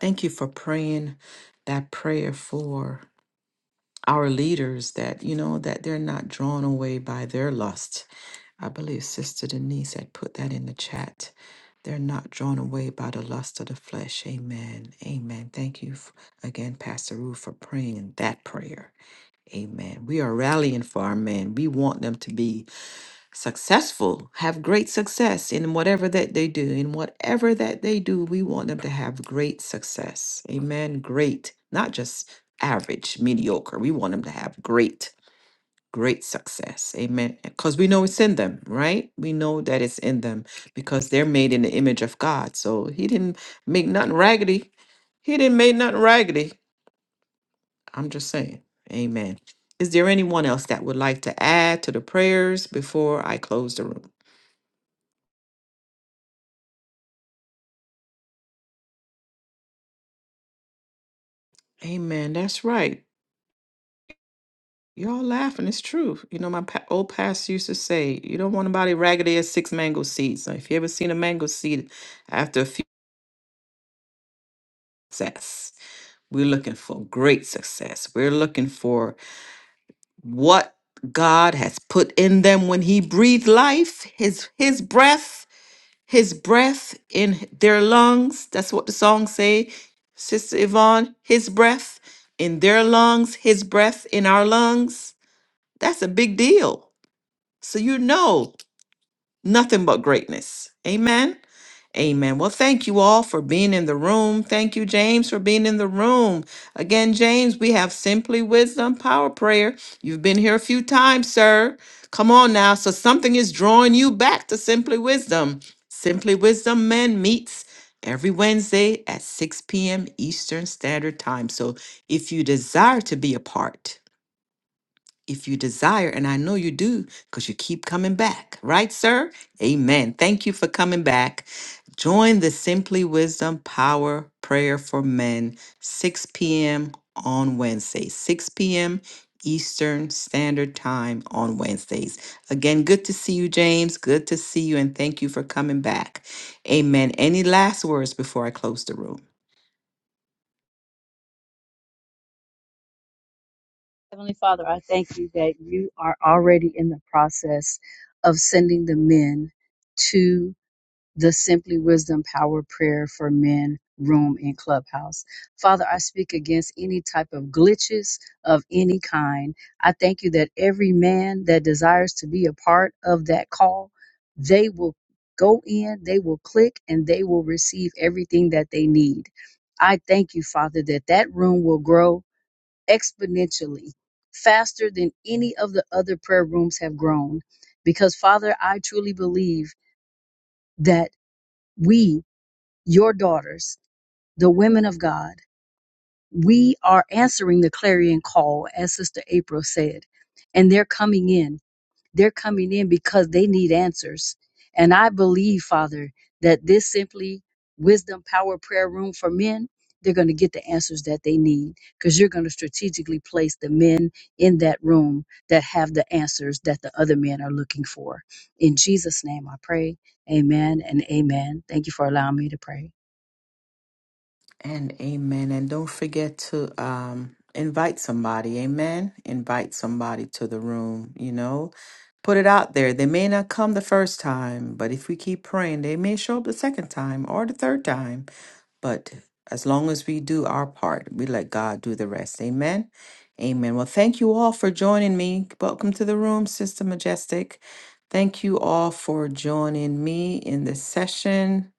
Speaker 1: Thank you for praying that prayer for our leaders that, you know, that they're not drawn away by their lust. I believe Sister Denise had put that in the chat. They're not drawn away by the lust of the flesh. Amen. Amen. Thank you f- again, Pastor Ruth, for praying that prayer. Amen. We are rallying for our men. We want them to be successful, have great success in whatever that they do. In whatever that they do, we want them to have great success. Amen. Great, not just average, mediocre. We want them to have great great success. Amen. Because we know it's in them, right? We know that it's in them because they're made in the image of God. So he didn't make nothing raggedy. He didn't make nothing raggedy. I'm just saying. Amen. Is there anyone else that would like to add to the prayers before I close the room? Amen. That's right. Y'all laughing. It's true. You know, my pa- old pastor used to say, you don't want nobody raggedy as six mango seeds. Now, if you ever seen a mango seed after a few success. We're looking for great success. We're looking for what God has put in them when he breathed life, his his breath, his breath in their lungs. That's what the song say, Sister Yvonne, his breath in their lungs, his breath in our lungs. That's a big deal. So you know. Nothing but greatness. Amen. Amen. Well, thank you all for being in the room. Thank you, James, for being in the room. Again, James, we have Simply Wisdom Power Prayer. You've been here a few times, sir. Come on now. So something is drawing you back to Simply Wisdom. Simply Wisdom Men meets every Wednesday at 6 p.m. Eastern Standard Time. So if you desire to be a part, if you desire, and I know you do because you keep coming back, right, sir? Amen. Thank you for coming back. Join the Simply Wisdom Power Prayer for Men, 6 p.m. on Wednesday, 6 p.m. Eastern Standard Time on Wednesdays. Again, good to see you, James. Good to see you, and thank you for coming back. Amen. Any last words before I close the room?
Speaker 5: Heavenly Father, I thank you that you are already in the process of sending the men to. the Simply Wisdom Power Prayer for Men room in Clubhouse. Father, I speak against any type of glitches of any kind. I thank you that every man that desires to be a part of that call, they will go in, they will click, and they will receive everything that they need. I thank you, Father, that that room will grow exponentially. Faster than any of the other prayer rooms have grown. Because, Father, I truly believe that we your daughters, the women of God, we are answering the clarion call, as Sister April said, and they're coming in. They're coming in because they need answers. And I believe, Father, that this simply wisdom, power, prayer room for men, they're going to get the answers that they need because you're going to strategically place the men in that room that have the answers that the other men are looking for. In Jesus' name I pray. Amen and amen. Thank you for allowing me to pray.
Speaker 1: And amen. And don't forget to um, invite somebody. Amen. Invite somebody to the room, you know. Put it out there. They may not come the first time, but if we keep praying, they may show up the second time or the third time. But as long as we do our part, we let God do the rest. Amen. Amen. Well, thank you all for joining me. Welcome to the room, Sister Majestic. Thank you all for joining me in this session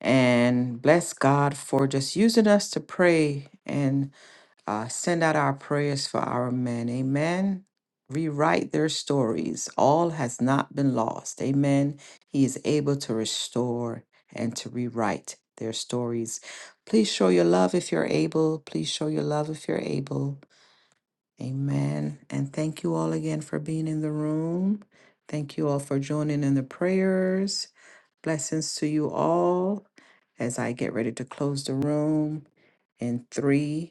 Speaker 1: and bless God for just using us to pray and uh, send out our prayers for our men. Amen. Rewrite their stories. All has not been lost. Amen. He is able to restore and to rewrite their stories. Please show your love if you're able. Please show your love if you're able. Amen. And thank you all again for being in the room. Thank you all for joining in the prayers. Blessings to you all as I get ready to close the room in three,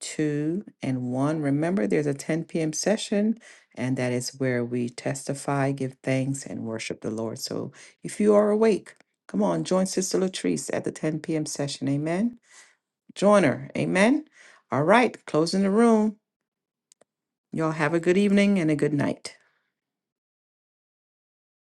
Speaker 1: two, and one. Remember, there's a 10 p.m. session, and that is where we testify, give thanks, and worship the Lord. So if you are awake, come on, join Sister Latrice at the 10 p.m. session. Amen. Join her. Amen. All right, closing the room. Y'all have a good evening and a good night.